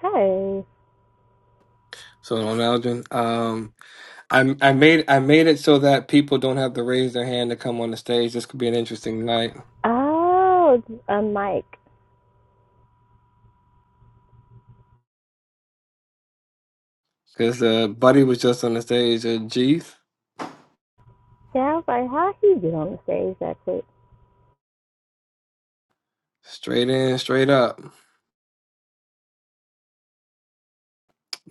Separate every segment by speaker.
Speaker 1: Hey.
Speaker 2: So on Algin, um, I I made I made it so that people don't have to raise their hand to come on the stage. This could be an interesting night
Speaker 1: Oh, a mic.
Speaker 2: because uh, Buddy was just on the stage. Uh, Jeeth,
Speaker 1: Yeah, I was like, how he get on the stage that quick?
Speaker 2: straight in, straight up.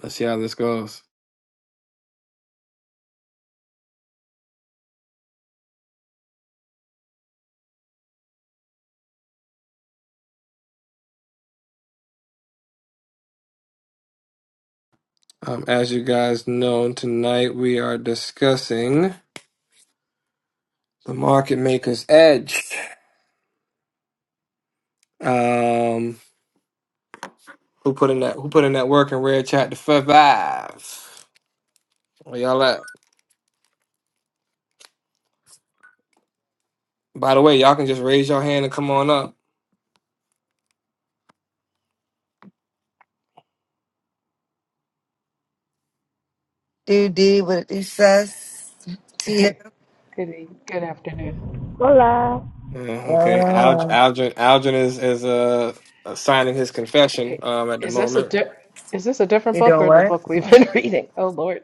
Speaker 2: Let's see how this goes. Um, as you guys know, tonight we are discussing the market maker's edge. Um, who put in that Who put in that work in red chat to survive. Where y'all at? By the way, y'all can just raise your hand and come on up.
Speaker 3: Do D with it says Tia.
Speaker 4: Good e- good afternoon.
Speaker 1: Hola.
Speaker 2: Yeah, okay. Alg
Speaker 3: Oh,
Speaker 2: Algin, Algin is is uh, uh, signing his confession
Speaker 4: Wait,
Speaker 2: um at the
Speaker 4: is this a
Speaker 2: moment.
Speaker 4: di is this a different
Speaker 3: you
Speaker 4: book
Speaker 3: doing
Speaker 4: or the book we've been reading? Oh Lord.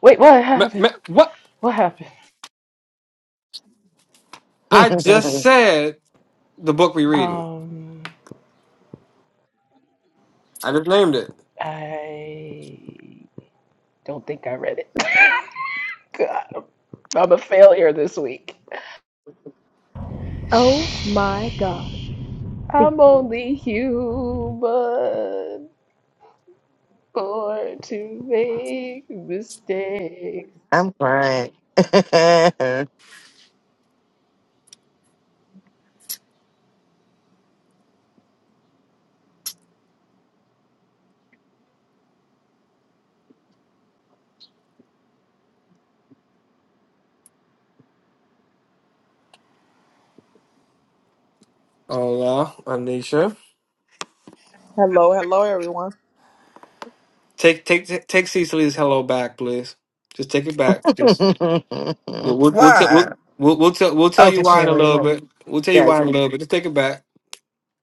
Speaker 4: Wait, what
Speaker 2: Ma
Speaker 4: happened?
Speaker 2: ma what?
Speaker 4: What happened?
Speaker 3: what?
Speaker 2: I just said the book we reading.
Speaker 4: Um,
Speaker 2: I just named it.
Speaker 4: I don't think I read it. God, I'm, I'm a failure this week.
Speaker 1: Oh my gosh. Speak
Speaker 4: I'm
Speaker 1: so.
Speaker 4: only human, born to make mistakes.
Speaker 3: I'm crying.
Speaker 2: Oh yeah, Anisha.
Speaker 5: Hello, hello, everyone.
Speaker 2: Take take take take Cecily's hello back, please. Just take it back. Just we'll we'll we'll, tell
Speaker 3: Why?
Speaker 2: we'll we'll we'll tell we'll tell
Speaker 3: Oh,
Speaker 2: you
Speaker 3: because she
Speaker 2: why in a
Speaker 3: already
Speaker 2: little
Speaker 3: know.
Speaker 2: bit. We'll tell you why in a
Speaker 3: Gotcha.
Speaker 2: little bit. Just take it back.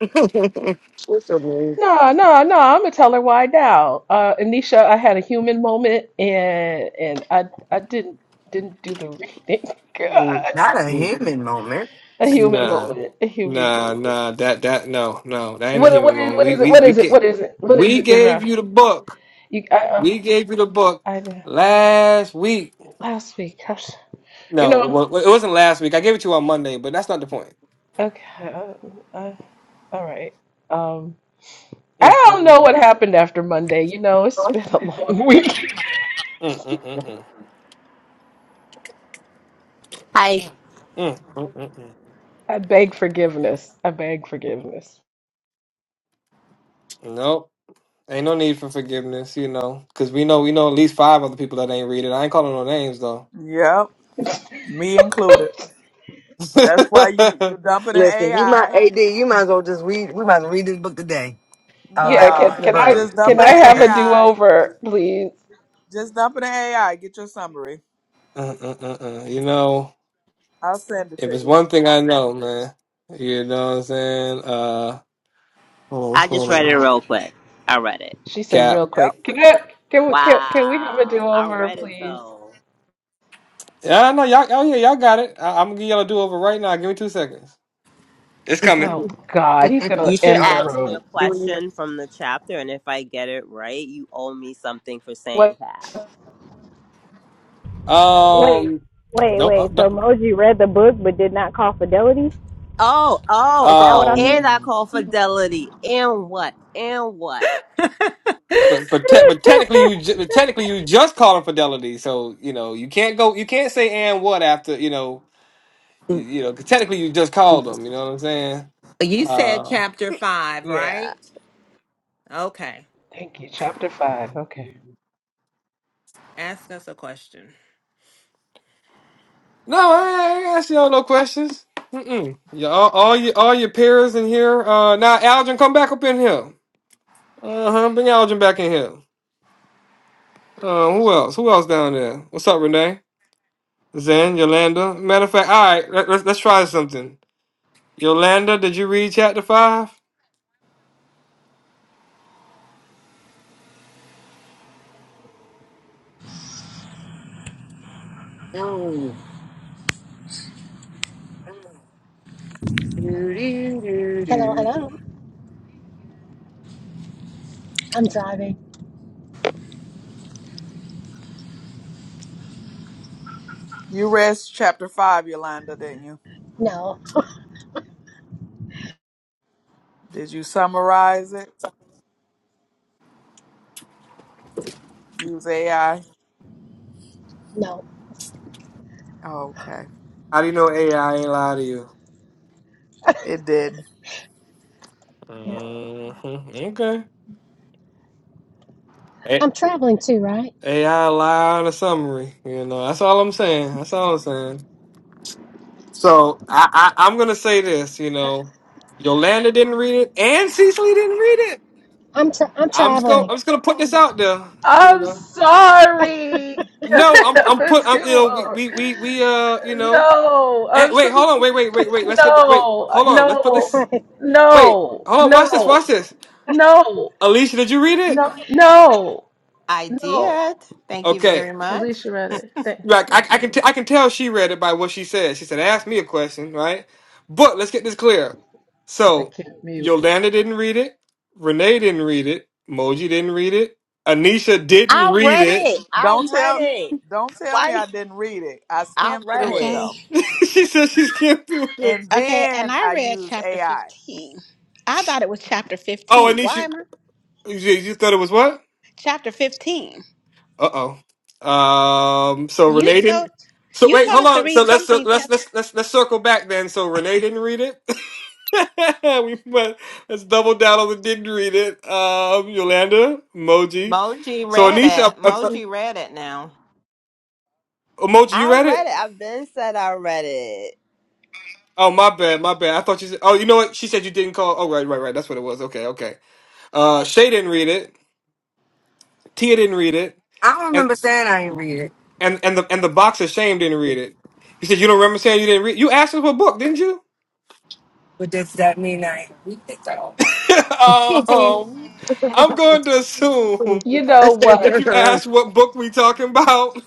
Speaker 3: What's so weird?
Speaker 4: No, no, no. I'm gonna tell her why now. Uh, Anisha, I had a human moment, and and I I didn't didn't do the reading. God,
Speaker 3: Not a human moment.
Speaker 4: a human
Speaker 2: Nah,
Speaker 4: moment, a human
Speaker 2: nah,
Speaker 4: moment.
Speaker 2: nah. That that no, no. That ain't a
Speaker 4: What
Speaker 2: human
Speaker 4: what is
Speaker 2: moment.
Speaker 4: what
Speaker 2: We
Speaker 4: is it?
Speaker 2: we
Speaker 4: What
Speaker 2: we
Speaker 4: is it?
Speaker 2: get
Speaker 4: What is it? What is
Speaker 2: we
Speaker 4: it,
Speaker 2: gave
Speaker 4: Dira?
Speaker 2: you the book.
Speaker 4: You, I, um,
Speaker 2: We gave you the book
Speaker 4: I uh,
Speaker 2: last week.
Speaker 4: last week. gosh, You
Speaker 2: No, it
Speaker 4: know.
Speaker 2: wa- it wasn't last week. I gave it to you on Monday, but that's not the point.
Speaker 4: Okay. Uh, uh, all right. Um,
Speaker 2: Mm,
Speaker 4: I
Speaker 2: mm,
Speaker 4: don't
Speaker 2: mm,
Speaker 4: know what
Speaker 2: mm.
Speaker 4: happened after Monday. You know, it's been a long week.
Speaker 2: Mm, mm, mm, mm.
Speaker 6: I
Speaker 2: Mm, mm, mm, mm.
Speaker 4: I beg forgiveness. I beg forgiveness.
Speaker 2: Nope. Ain't no need for forgiveness, you know, because we know we know at least five other people that ain't read it. I ain't calling no names though.
Speaker 5: Yep, me included. That's why you
Speaker 2: uh,
Speaker 5: you dump it in
Speaker 3: Listen, you might
Speaker 5: AI.
Speaker 3: AD. You might as well just read. We might as well read this book today. All
Speaker 4: Yeah,
Speaker 3: that
Speaker 4: can
Speaker 5: Nah,
Speaker 3: in the
Speaker 4: can I
Speaker 3: room.
Speaker 5: just
Speaker 2: uh,
Speaker 5: dump
Speaker 4: can
Speaker 5: it
Speaker 4: I
Speaker 5: in
Speaker 4: have a
Speaker 5: AI.
Speaker 4: do-over, please?
Speaker 5: Just dump it in AI. Get your summary.
Speaker 2: uh, uh. You know.
Speaker 5: I'll send it to
Speaker 2: If it's
Speaker 5: you.
Speaker 2: one thing I know, man, you know what I'm saying? Uh, hold on, what's
Speaker 6: I just
Speaker 2: going
Speaker 6: read it
Speaker 2: on?
Speaker 6: real quick. I read it.
Speaker 4: She said real
Speaker 2: Cap.
Speaker 5: Yep.
Speaker 4: quick. Can I can we can, can we have a
Speaker 6: Wow. I
Speaker 4: do-over,
Speaker 6: read it
Speaker 4: please?
Speaker 6: though.
Speaker 2: Yeah, I know y'all. Oh yeah, y'all got it. I, I'm gonna give y'all a do over right now. Give me two seconds. It's coming.
Speaker 4: Oh God, he's gonna
Speaker 6: You should
Speaker 4: end
Speaker 3: Oh,
Speaker 4: the
Speaker 3: no.
Speaker 6: ask me a
Speaker 4: room.
Speaker 3: Do we need
Speaker 6: question from the chapter and if I get it right, you owe me something for saying
Speaker 4: What?
Speaker 6: that.
Speaker 1: Wait,
Speaker 2: Um,
Speaker 1: wait,
Speaker 2: don't, uh,
Speaker 1: wait. So
Speaker 2: don't
Speaker 1: Moji read the book but did not call fidelity?
Speaker 6: Oh, oh,
Speaker 1: Is that
Speaker 6: oh,
Speaker 1: what I'm
Speaker 6: and
Speaker 1: hearing?
Speaker 6: I
Speaker 2: oh,
Speaker 6: call fidelity. And what? And what?
Speaker 2: but but te- but technically you ju- but technically you just called him fidelity, so you know you can't go you can't say and what after you know you, you know 'cause technically you just
Speaker 3: to-
Speaker 2: called them. You know what I'm saying?
Speaker 7: You said
Speaker 2: Uh,
Speaker 7: chapter five,
Speaker 6: Yeah.
Speaker 7: right? Okay.
Speaker 4: Thank you. Chapter five. Okay.
Speaker 7: Ask us a question.
Speaker 2: No, I ain't ask y'all no questions. Mm-mm. Yeah, all, all your all your peers in here. Uh, now Algin, come back up in here. Uh huh. Bring Algin back in here. Uh, who else? Who else down there? What's up, Renee? Zen, Yolanda. Matter of fact, all right. Let, let's let's try something. Yolanda, did you read chapter five?
Speaker 3: Mm. Do, do, do,
Speaker 8: Hello,
Speaker 3: do.
Speaker 8: hello. I'm driving.
Speaker 5: You read chapter five, Yolanda, didn't you?
Speaker 8: No,
Speaker 5: Did you summarize it? Use AI.
Speaker 8: no.
Speaker 5: Okay,
Speaker 2: How do you know AI ain't lie to you?
Speaker 5: it did.
Speaker 8: Yeah.
Speaker 2: Mm-hmm. Okay. A-
Speaker 8: I'm traveling too, right?
Speaker 2: AI lie on a summary. You know, that's all I'm saying. That's all I'm saying. So I, I I'm gonna say this, you know, Yolanda didn't read it, and Cecily didn't read it.
Speaker 8: I'm tra- I'm
Speaker 2: I'm just gonna
Speaker 8: traveling.
Speaker 2: I'm just gonna put this out there, you
Speaker 4: I'm
Speaker 2: know.
Speaker 4: sorry. Can
Speaker 2: No,
Speaker 4: I
Speaker 2: I'm
Speaker 4: have
Speaker 2: I'm put
Speaker 4: a
Speaker 2: I'm, you know we
Speaker 4: do-over?
Speaker 2: we we we uh you know
Speaker 4: No,
Speaker 2: eh,
Speaker 4: I'm
Speaker 2: wait
Speaker 4: so
Speaker 2: hold on wait wait wait wait let's get the, wait
Speaker 4: no,
Speaker 2: hold on let's put
Speaker 4: no,
Speaker 2: this
Speaker 8: right?
Speaker 2: wait
Speaker 4: no,
Speaker 2: hold on watch this
Speaker 4: no,
Speaker 2: watch this
Speaker 4: no,
Speaker 2: Alicia did you read it?
Speaker 4: no, no,
Speaker 7: I
Speaker 4: no.
Speaker 7: did. Thank you
Speaker 2: Okay
Speaker 7: very much.
Speaker 4: Alicia read it. Thank,
Speaker 2: Like I,
Speaker 4: thank
Speaker 2: I
Speaker 4: you,
Speaker 2: can, t-
Speaker 4: Alicia.
Speaker 2: I can tell she read it by what she said. She said, "Ask me a question, right?" But let's get this clear.
Speaker 4: I
Speaker 2: So
Speaker 4: can't mute.
Speaker 2: Yolanda didn't read it. Renee didn't read it. Moji didn't read it. Anisha didn't
Speaker 6: I
Speaker 2: read
Speaker 6: read
Speaker 2: it.
Speaker 6: it. I
Speaker 5: Don't
Speaker 6: read
Speaker 5: tell.
Speaker 6: it.
Speaker 5: Don't tell me
Speaker 6: Why
Speaker 5: I didn't read it. I
Speaker 6: I
Speaker 5: skimmed
Speaker 6: read
Speaker 5: through it
Speaker 6: it.
Speaker 9: Okay.
Speaker 5: though,
Speaker 2: she said she skimmed through it.
Speaker 5: and
Speaker 9: Okay. And
Speaker 5: then
Speaker 9: I
Speaker 5: I
Speaker 9: read
Speaker 5: used
Speaker 9: chapter
Speaker 5: AI.
Speaker 9: 15. I thought it was chapter
Speaker 2: Oh,
Speaker 9: 15. Why
Speaker 2: Anisha,
Speaker 9: am I?
Speaker 2: you, you thought it was what?
Speaker 9: Chapter 15.
Speaker 2: Uh oh. Um. So
Speaker 9: You
Speaker 2: Renee didn't.
Speaker 9: told
Speaker 2: So
Speaker 9: you
Speaker 2: wait,
Speaker 9: told
Speaker 2: hold
Speaker 9: us to
Speaker 2: on.
Speaker 9: read
Speaker 2: So let's
Speaker 9: something.
Speaker 2: let's let's let's let's circle back then. So Renee didn't read it. we but let's double down on the didn't read it. Um, Yolanda, emoji.
Speaker 7: Moji
Speaker 2: So
Speaker 7: read
Speaker 2: Anisha,
Speaker 7: it.
Speaker 2: uh, uh,
Speaker 7: Moji read it now.
Speaker 2: emoji, you
Speaker 6: I
Speaker 2: read
Speaker 6: read
Speaker 2: it?
Speaker 6: it. I've been said I read it.
Speaker 2: Oh my bad, my bad. I thought you said. Oh, you know what? She said you didn't call. Oh right, right, right. That's what it was. Okay, okay. Uh, Shay didn't read it. Tia didn't read it,
Speaker 3: I don't
Speaker 2: and
Speaker 3: remember saying I ain't read it,
Speaker 2: and and the and the box of shame didn't read it. You said you don't remember saying you didn't read. You asked us what book, didn't you?
Speaker 3: but does that mean I ain't read it though? I don't
Speaker 2: um, I'm going to assume
Speaker 4: You know
Speaker 2: if
Speaker 4: what?
Speaker 2: you ask what book we talking about,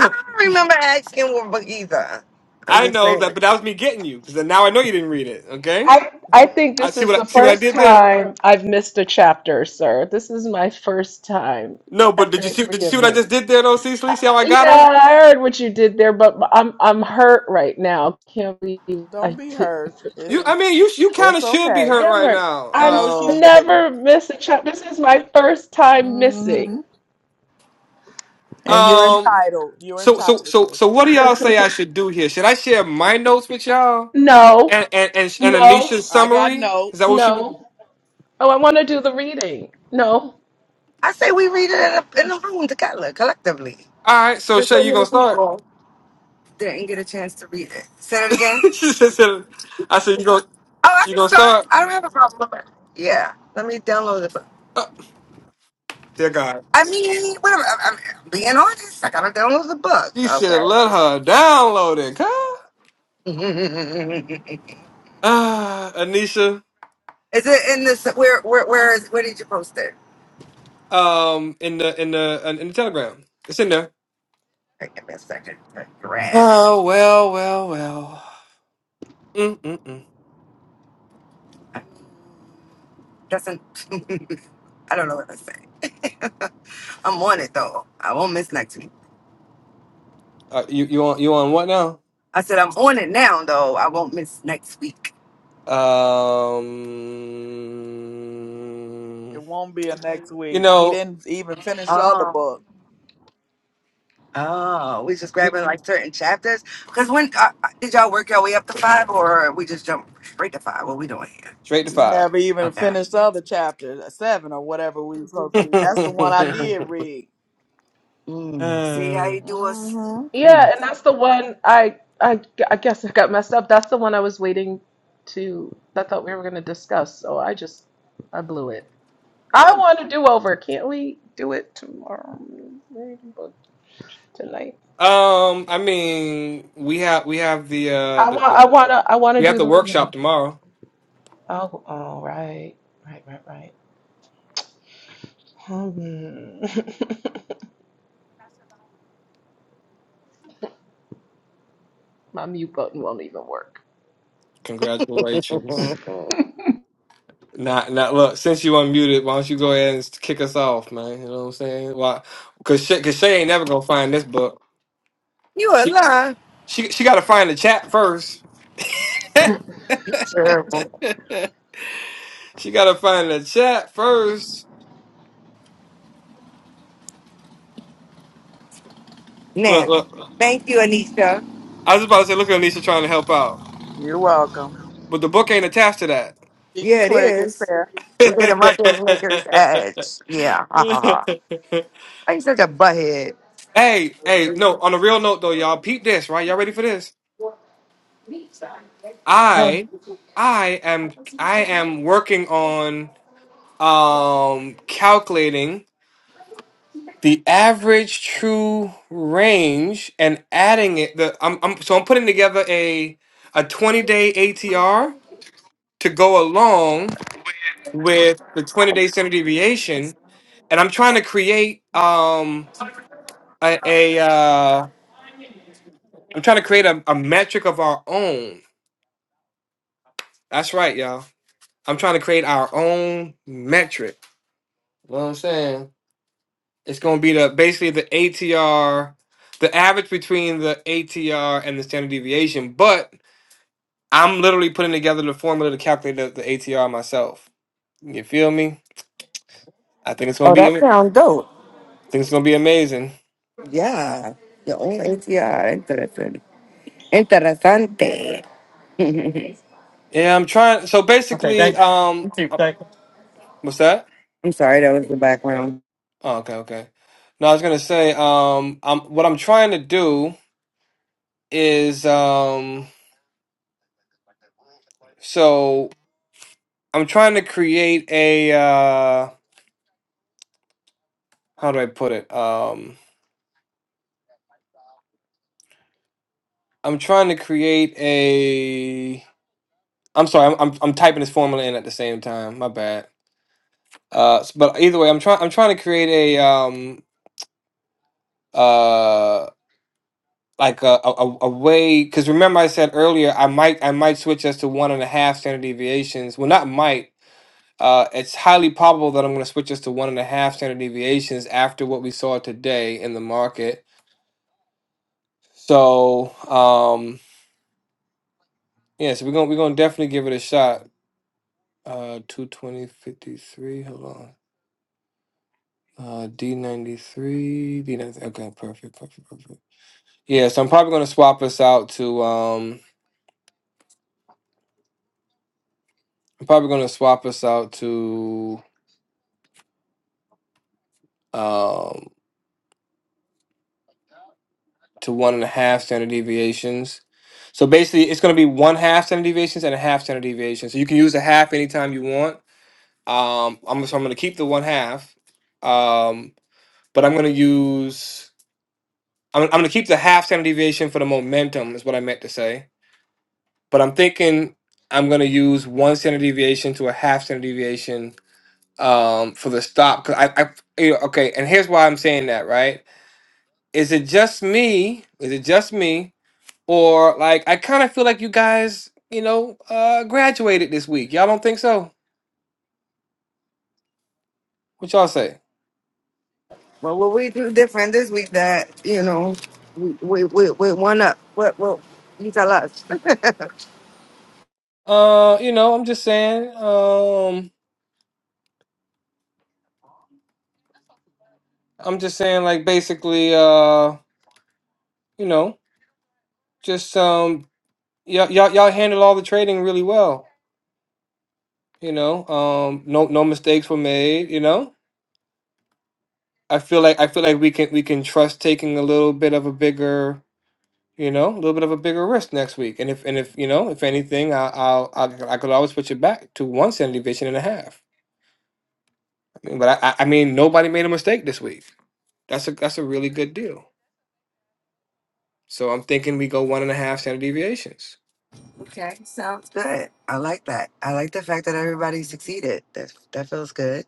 Speaker 3: remember asking what book either. I'm
Speaker 2: I
Speaker 3: just
Speaker 2: know
Speaker 3: saying.
Speaker 2: that, but that was me getting you because now I know you didn't read it. Okay,
Speaker 4: I I think
Speaker 2: I
Speaker 4: this
Speaker 2: see
Speaker 4: is
Speaker 2: what
Speaker 4: the
Speaker 2: I see what I
Speaker 4: first
Speaker 2: did there.
Speaker 4: time I've missed a chapter, sir. This is my first time.
Speaker 2: No,
Speaker 4: I
Speaker 2: but did you see?
Speaker 4: beg
Speaker 2: Did you see what I just
Speaker 4: forgiveness.
Speaker 2: did there, though, Cecily? See how I got her?
Speaker 4: Yeah, I heard what you did there, but I'm I'm hurt right now. Can't believe
Speaker 5: Don't
Speaker 4: I
Speaker 5: be
Speaker 4: did
Speaker 5: hurt. It's
Speaker 2: You,
Speaker 4: read
Speaker 2: I
Speaker 4: it.
Speaker 2: mean, you you kind
Speaker 5: it's
Speaker 2: of should be
Speaker 5: okay.
Speaker 4: I
Speaker 2: hurt
Speaker 4: am
Speaker 2: right
Speaker 4: hurt.
Speaker 2: now.
Speaker 4: I
Speaker 5: No, she
Speaker 2: Um,
Speaker 5: shouldn't.
Speaker 4: never miss a chapter. This is my first time missing.
Speaker 5: hmm And you're
Speaker 2: um.
Speaker 5: entitled. You're
Speaker 2: So so
Speaker 5: entitled
Speaker 2: so
Speaker 5: to.
Speaker 2: so, what do y'all say I should do here? Should I share my notes with y'all
Speaker 4: No,
Speaker 2: and and and, and
Speaker 4: no,
Speaker 2: Anisha's
Speaker 5: I got
Speaker 2: summary? Is that what
Speaker 5: notes.
Speaker 2: she? All
Speaker 4: no. Oh, I want to do the reading. No.
Speaker 3: I say we read it in a, in a room together, collectively.
Speaker 2: right. So
Speaker 3: There's
Speaker 2: Shay,
Speaker 3: so
Speaker 2: you gonna
Speaker 3: many
Speaker 2: start?
Speaker 3: people didn't get a chance to read it. Say it again.
Speaker 2: she just said, "I said you gonna
Speaker 3: Oh, I
Speaker 2: you
Speaker 3: can
Speaker 2: gonna
Speaker 3: start.
Speaker 2: start."
Speaker 3: I don't have a problem with that. Yeah, let me download the book.
Speaker 2: Oh, dear God,
Speaker 3: I mean, whatever. I'm, I'm I'm being honest. I gotta download the book.
Speaker 2: she should have
Speaker 3: Okay.
Speaker 2: let her download it. Huh? Ah, Anisha,
Speaker 3: is it in this? Where? Where? Where is? Where did you post it? All
Speaker 2: um, in the in the in the telegram, it's in there.
Speaker 3: right, give me a second. I Grab.
Speaker 2: Oh well, well, well. Mm mm mm.
Speaker 3: doesn't I don't know what I'm saying. I'm on it though. I won't miss next week.
Speaker 2: Uh, you you on you on what now?
Speaker 3: I said I'm on it now though. I won't miss next week.
Speaker 2: Um,
Speaker 5: It won't be a next
Speaker 2: you
Speaker 5: week. He
Speaker 2: know,
Speaker 5: didn't even finish the other
Speaker 3: Oh.
Speaker 5: book.
Speaker 3: Oh, we just
Speaker 2: we,
Speaker 3: grabbing like certain chapters. Cause when uh, uh, did y'all work your way up to five, or we just jump straight to five? What we doing here?
Speaker 2: straight to
Speaker 5: We
Speaker 2: five.
Speaker 5: never even
Speaker 3: Okay.
Speaker 5: finished the other chapter, uh, seven or whatever we were supposed to be. That's the one I
Speaker 3: Mm.
Speaker 5: did read.
Speaker 3: Mm. See how you
Speaker 2: um,
Speaker 3: do us.
Speaker 5: hmm
Speaker 4: Yeah,
Speaker 3: Mm.
Speaker 4: and that's the one I I I guess I got messed up. That's the one I was waiting to I thought we were going to discuss. So I just I blew it. I want to do over. Can't we do it tomorrow? Maybe, but Tonight?
Speaker 2: I mean, we have we have the uh
Speaker 4: I
Speaker 2: the,
Speaker 4: want I
Speaker 2: the
Speaker 4: want to I want to
Speaker 2: we have
Speaker 4: do
Speaker 2: the
Speaker 4: the
Speaker 2: workshop
Speaker 4: reading.
Speaker 2: tomorrow.
Speaker 4: Oh, all right. Right, right, right. Hmm. My mute button won't even work.
Speaker 2: Congratulations.
Speaker 3: Mm.
Speaker 2: Nah, nah. Look, since you unmuted, why don't you go ahead and kick us off, man? You know what I'm saying? Why? Cause Shay, cause Shay ain't never gonna find this book.
Speaker 3: you a
Speaker 2: She,
Speaker 3: lie.
Speaker 2: she, she gotta find the chat first.
Speaker 3: You terrible.
Speaker 2: she gotta find the chat first. Look,
Speaker 3: Now,
Speaker 2: look.
Speaker 3: thank you, Anisha.
Speaker 2: I was about to say, look at Anisha trying to help out,
Speaker 5: You're welcome.
Speaker 2: but the book ain't attached to
Speaker 5: You can
Speaker 3: Yeah, it
Speaker 5: click. It's
Speaker 3: is.
Speaker 5: there.
Speaker 2: that.
Speaker 3: And then the market makers edge. Yeah. Ha ha ha. Why you such a butthead?
Speaker 2: hey, hey, no. On a real note, though, y'all, peep this, right? Y'all ready for this?
Speaker 3: Huh.
Speaker 2: I, I am, I am working on. um calculating the average true range and adding it the I'm, I'm so I'm putting together a a 20 day ATR to go along with the 20 day standard deviation and I'm trying to create um a, a uh I'm trying to create a, a metric of our own. That's right, y'all. I'm trying to create our own metric. You know what I'm saying? It's going to be the basically the ATR, the average between the ATR and the standard deviation. But I'm literally putting together the formula to calculate the, the ATR myself. You feel me? I think it's going
Speaker 3: Oh,
Speaker 2: to be.
Speaker 3: that
Speaker 2: I
Speaker 3: sounds dope.
Speaker 2: think it's going to be amazing.
Speaker 3: Yeah. Your own ATR. Interesting. Interesante. I'm
Speaker 2: Yeah, I'm trying. So basically, um, what's that?
Speaker 3: sorry, that was the background.
Speaker 2: Oh, okay, okay. No, I was gonna say, um, I'm what I'm trying to do is, um, so I'm trying to create a, uh, how do I put it? um. I'm trying to create a. I'm sorry. I'm, I'm I'm typing this formula in at the same time. My bad. Uh, s- but either way, I'm trying. I'm trying to create a um uh like a a, a a way because remember I said earlier I might I might switch us to one and a half standard deviations. Well, not might. Uh, it's highly probable that I'm going to switch us to one and a half standard deviations after what we saw today in the market. So um yeah, so we're gonna we're gonna definitely give it a shot. Uh, two twenty fifty three. Hold on. Uh, D93, d ninety. Okay, perfect, perfect, perfect. Yeah, so I'm probably going to swap us out to, um, I'm probably going to swap us out to, um, to one and a half standard deviations. So basically, it's going to be one half standard deviations and a half standard deviation. So you can use a half anytime you want. Um, I'm, so I'm going to keep the one half, um, but I'm going to use, I'm, I'm going to keep the half standard deviation for the momentum, is what I meant to say but I'm thinking I'm gonna use one standard deviation to a half standard deviation um, for the stop. Cause I, I, you know, okay, and here's why I'm saying that, right? Is it just me? Is it just me? Or like I kind of feel like you guys, you know, uh, graduated this week. Y'all don't think so? What y'all say?
Speaker 3: Well, what we do different this week that, you know, we we, we, we one up. What what you tell us? That's
Speaker 2: Uh, you know, I'm just saying. Um, I'm just saying, like basically, uh, you know, just um, y'all y'all y'all handle all the trading really well You know, um, no no mistakes were made. You know, I feel like I feel like we can we can trust taking a little bit of a bigger, you know, a little bit of a bigger risk next week. And if and if you know, if anything, I, I'll I, I could always put you back to one standard deviation and a half. I mean, but I I I mean, nobody made a mistake this week. That's a that's a really good deal. So I'm thinking we go one and a half standard deviations.
Speaker 3: good. I like that. I like the fact that everybody succeeded. That that feels good.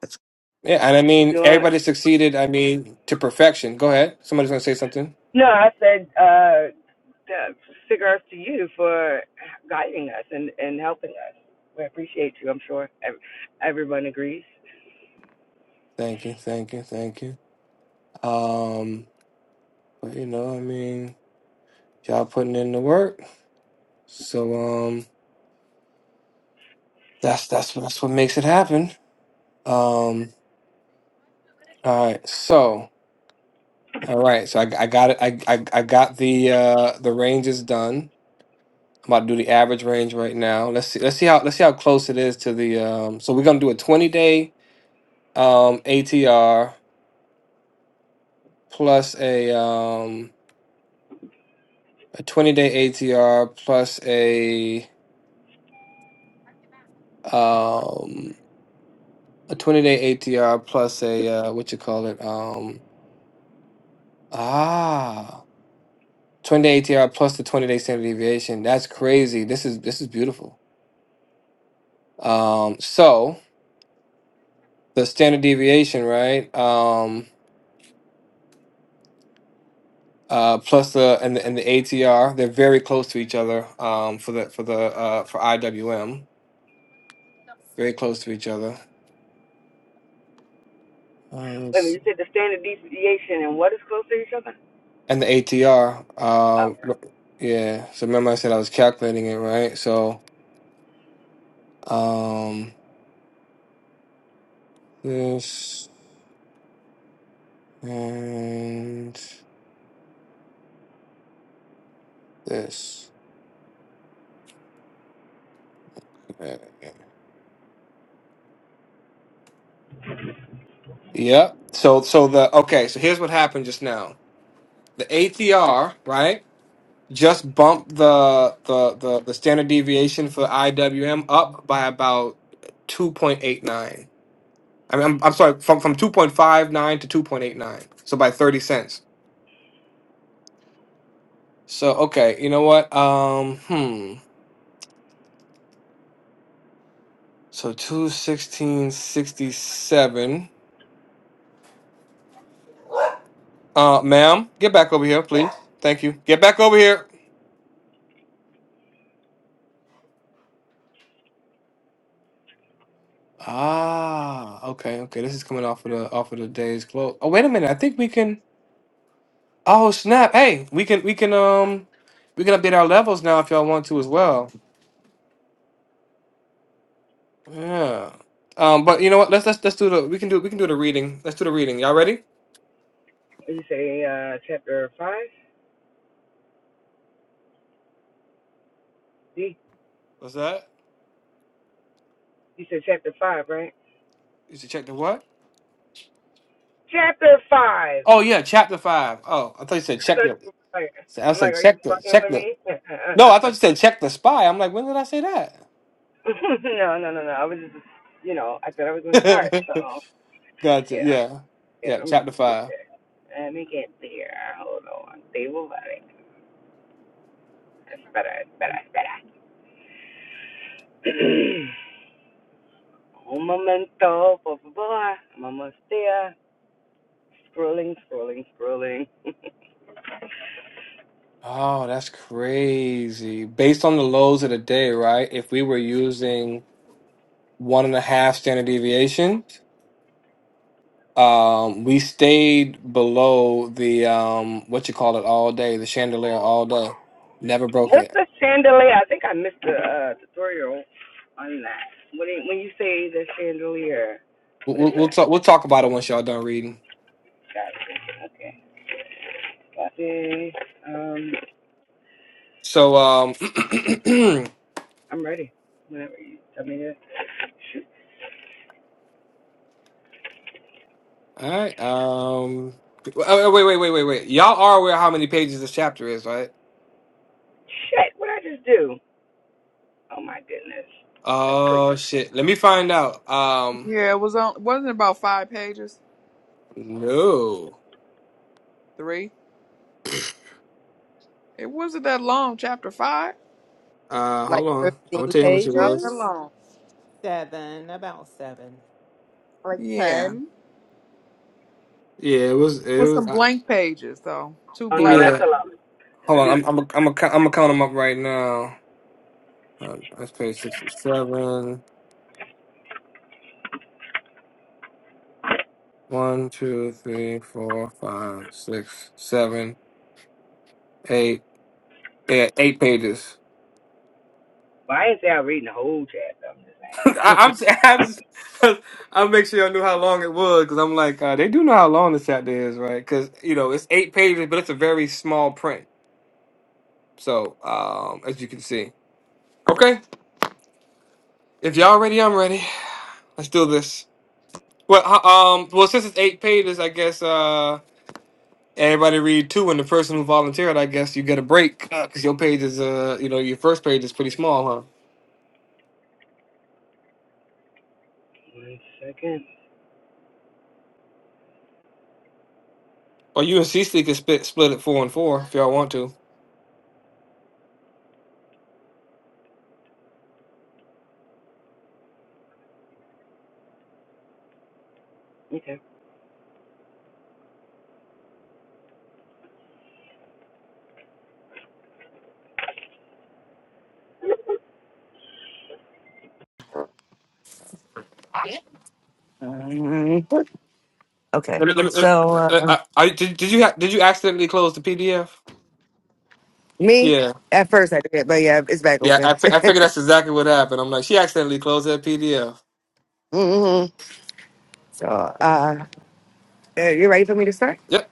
Speaker 3: That's
Speaker 2: Yeah, and I mean
Speaker 3: Doing,
Speaker 2: everybody succeeded. I mean to perfection. Go ahead. Somebody's gonna say something.
Speaker 3: no, I said. the figure out to you for guiding us and, and helping us. We appreciate you, I'm sure. Ev- Everyone agrees.
Speaker 2: Thank you, thank you, thank you. Um. But you know, I mean, y'all putting in the work. So um that's that's that's what makes it happen. Um all right. So all right. So I I got it. I I I got the uh the ranges done. I'm about to do the average range right now. Let's see let's see how let's see how close it is to the um so we're going to do a 20 day um ATR plus a um a 20 day ATR plus a um a 20 day ATR plus a uh what you call it? um, Ah, twenty-day ATR plus the 20 day standard deviation. That's crazy. This is this is beautiful. Um, so the standard deviation, right? Um, uh, plus the and the, and the ATR, they're very close to each other. Um, for the for the uh for IWM, very close to each other. Uh, let's see.
Speaker 3: Okay.
Speaker 2: and the ATR, um, yeah. So remember, I said I was calculating it, right? So um, this and this. Yep. So so the okay, so here's what happened just now. The ATR, right? Just bumped the the the, the standard deviation for IWM up by about 2.89. I mean, I'm, I'm sorry, from from 2.59 to 2.89. So by 30 cents. So okay, you know what? Um hmm. So 21667. Uh ma'am, get back over here, please. Thank you. Get back over here. Ah, okay, okay. This is coming off of the off of the day's close. Oh, wait a minute. I think we can. Oh, snap. Hey, we can we can um we can update our levels now if y'all want to as well. Yeah. Um, but you know what? Let's let's let's do the we can do we can do the reading. Let's do the reading. Y'all ready?
Speaker 3: You say uh, chapter 5? You,
Speaker 2: What's that?
Speaker 3: you said chapter 5, right?
Speaker 2: You should check the what?
Speaker 3: Chapter 5!
Speaker 2: Oh yeah, chapter five. Oh, I thought you said
Speaker 3: So,
Speaker 2: check the.
Speaker 3: like,
Speaker 2: so I
Speaker 3: I'm
Speaker 2: was like
Speaker 3: like, are you
Speaker 2: check the
Speaker 3: fucking
Speaker 2: check
Speaker 3: with
Speaker 2: the.
Speaker 3: me?
Speaker 2: No, I thought you said check the spy. I'm like, when did I say that?
Speaker 3: no, no, no, no. I was just, you know, I said I was going to start. So,
Speaker 2: Gotcha.
Speaker 3: yeah,
Speaker 2: Yeah,
Speaker 3: yeah,
Speaker 2: yeah.
Speaker 3: I'm gonna
Speaker 2: Chapter
Speaker 3: get
Speaker 2: five.
Speaker 3: there. Let me get there. Hold on. Stable running. That's better. That's better. That's better. Woman On my mental, but boy, I'm almost there. Scrolling, scrolling, scrolling.
Speaker 2: Oh, that's crazy. Based on the lows of the day, right? If we were using one and a half standard deviations, um, we stayed below the um, what you call it all day, the chandelier all day. Never broke
Speaker 3: What's
Speaker 2: it.
Speaker 3: the chandelier? I think I missed the uh, tutorial on that. When it, when you say the chandelier,
Speaker 2: We'll,
Speaker 3: what is
Speaker 2: we'll, we'll
Speaker 3: that?
Speaker 2: talk. We'll talk about it once y'all done reading.
Speaker 3: Gotcha. Okay. Gotcha. Um,
Speaker 2: So, um,
Speaker 3: I'm ready. Whenever you tell me to shoot.
Speaker 2: all right. Um, oh, wait, wait, wait, wait, wait. Y'all are aware how many pages this chapter is, right?
Speaker 3: Shit, what I just do? Oh my goodness, that's
Speaker 2: Oh
Speaker 3: crazy.
Speaker 2: shit. Let me find out. Um,
Speaker 5: Yeah, it was on. Wasn't it about five pages?
Speaker 2: no.
Speaker 5: Three. It wasn't that long. Chapter five.
Speaker 2: Uh,
Speaker 6: Like
Speaker 2: hold on. I'm gonna
Speaker 6: fifteen
Speaker 2: tell you how much it
Speaker 5: Not that
Speaker 2: was.
Speaker 6: pages?
Speaker 5: long.
Speaker 7: Seven, about seven.
Speaker 6: Like
Speaker 5: Yeah.
Speaker 6: ten?
Speaker 2: Yeah, it was.
Speaker 5: It
Speaker 2: It
Speaker 5: was
Speaker 2: was.
Speaker 5: some
Speaker 2: Uh,
Speaker 5: blank pages though. Two
Speaker 3: Oh no,
Speaker 5: blank.
Speaker 3: that's
Speaker 2: yeah.
Speaker 3: a lot.
Speaker 2: Hold
Speaker 3: At
Speaker 2: on.
Speaker 3: least,
Speaker 2: I'm. I'm. A, I'm. A, I'm gonna count them up right now. Uh, let's pay six, seven, one, two, three, four, five, six, seven, eight. Yeah, eight pages.
Speaker 3: well, I ain't say I'm reading the whole chapter. I'm just
Speaker 2: I, I'm. s- I'm just. I make sure I knew how long it was because I'm like, uh, they do know how long the chapter is, right? Because you know it's eight pages, but it's a very small print. So, um, as you can see. Okay. If y'all ready, I'm ready. Let's do this. Well, ho- um, well, since it's eight pages, I guess uh, everybody read two, and the person who volunteered, I guess you get a break because your page is, uh, you know, your first page is pretty small, huh?
Speaker 3: saying.
Speaker 2: Or you and Cece can split split it four and four if y'all want to.
Speaker 3: One second. Um, okay.
Speaker 2: Let me- let me-
Speaker 3: So
Speaker 2: let-
Speaker 3: uh,
Speaker 2: uh, I, I, did, did you ha- did you accidentally close the PDF?
Speaker 3: Me?
Speaker 2: Yeah,
Speaker 3: At first I did, but yeah, it's back
Speaker 2: yeah. I,
Speaker 3: open.
Speaker 2: fi- I figured that's exactly what happened. I'm like, she accidentally closed that PDF.
Speaker 3: hmm So, uh, uh, you ready for me to start?
Speaker 2: Yep,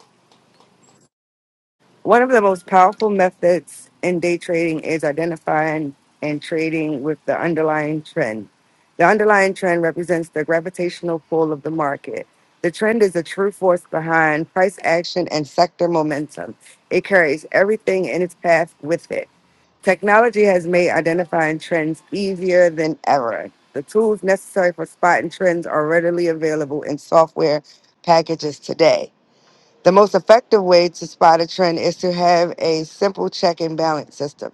Speaker 3: One of the most powerful methods in day trading is identifying and trading with the underlying trend. The underlying trend represents the gravitational pull of the market. The trend is the true force behind price action and sector momentum. It carries everything in its path with it. Technology has made identifying trends easier than ever. The tools necessary for spotting trends are readily available in software packages today. The most effective way to spot a trend is to have a simple check and balance system.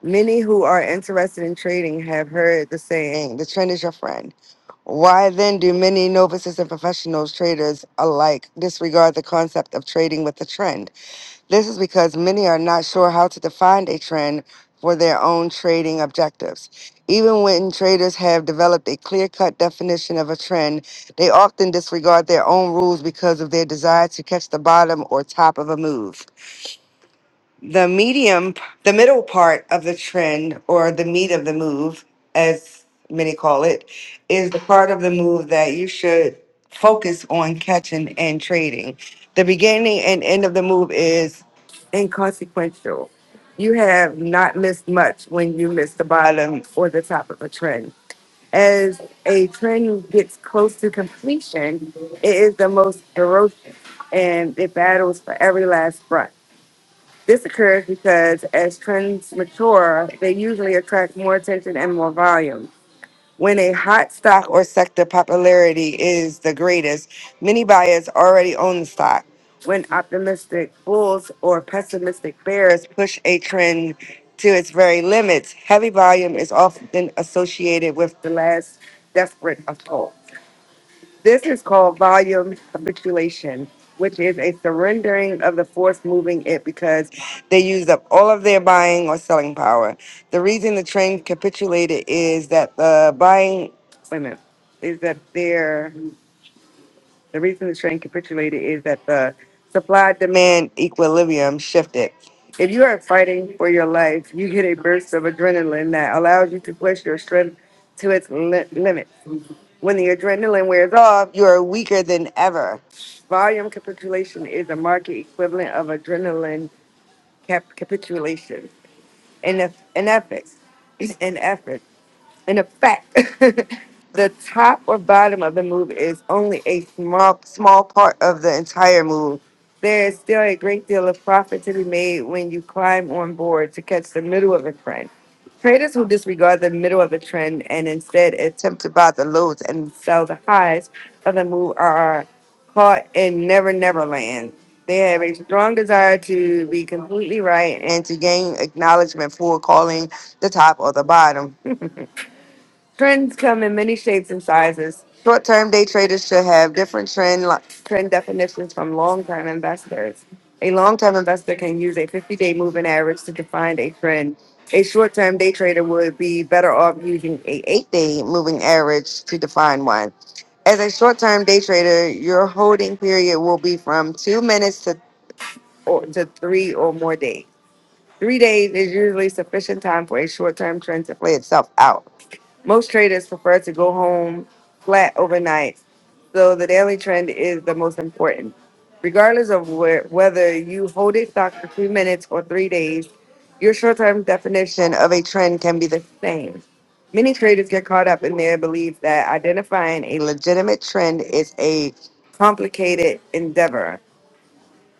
Speaker 3: Many who are interested in trading have heard the saying, the trend is your friend. Why then do many novices and professionals traders alike disregard the concept of trading with the trend? This is because many are not sure how to define a trend for their own trading objectives. Even when traders have developed a clear cut definition of a trend, they often disregard their own rules because of their desire to catch the bottom or top of a move the medium, the middle part of the trend or the meat of the move, as many call it, is the part of the move that you should focus on catching and trading. The beginning and end of the move is inconsequential. You have not missed much when you miss the bottom or the top of a trend. As a trend gets close to completion, it is the most ferocious and it battles for every last front. This occurs because as trends mature, they usually attract more attention and more volume. When a hot stock or sector popularity is the greatest, many buyers already own the stock. When optimistic bulls or pessimistic bears push a trend to its very limits, heavy volume is often associated with the last desperate assault. This is called volume capitulation, which is a surrendering of the force moving it because they used up all of their buying or selling power. The reason the train capitulated is that the buying, wait a minute, is that their, the reason the train capitulated is that the supply demand equilibrium shifted. If you are fighting for your life, you get a burst of adrenaline that allows you to push your strength to its li- limit when the adrenaline wears off, you are weaker than ever. Volume capitulation is a market equivalent of adrenaline cap- capitulation in, eff- in effort. In effort in effect, the top or bottom of the move is only a small small part of the entire move. There is still a great deal of profit to be made when you climb on board to catch the middle of a trend. Traders who disregard the middle of a trend and instead attempt to buy the lows and sell the highs of the move are caught in never never land. They have a strong desire to be completely right and to gain acknowledgement for calling the top or the bottom Trends come in many shapes and sizes. Short-term day traders should have different trend li- trend definitions from long-term investors. A long-term investor can use a 50-day moving average to define a trend. A short-term day trader would be better off using a 8-day moving average to define one. As a short-term day trader, your holding period will be from 2 minutes to or to 3 or more days. 3 days is usually sufficient time for a short-term trend to play itself out. Most traders prefer to go home flat overnight, so the daily trend is the most important. Regardless of where, whether you hold a stock for three minutes or three days, your short term definition of a trend can be the same. Many traders get caught up in their belief that identifying a legitimate trend is a complicated endeavor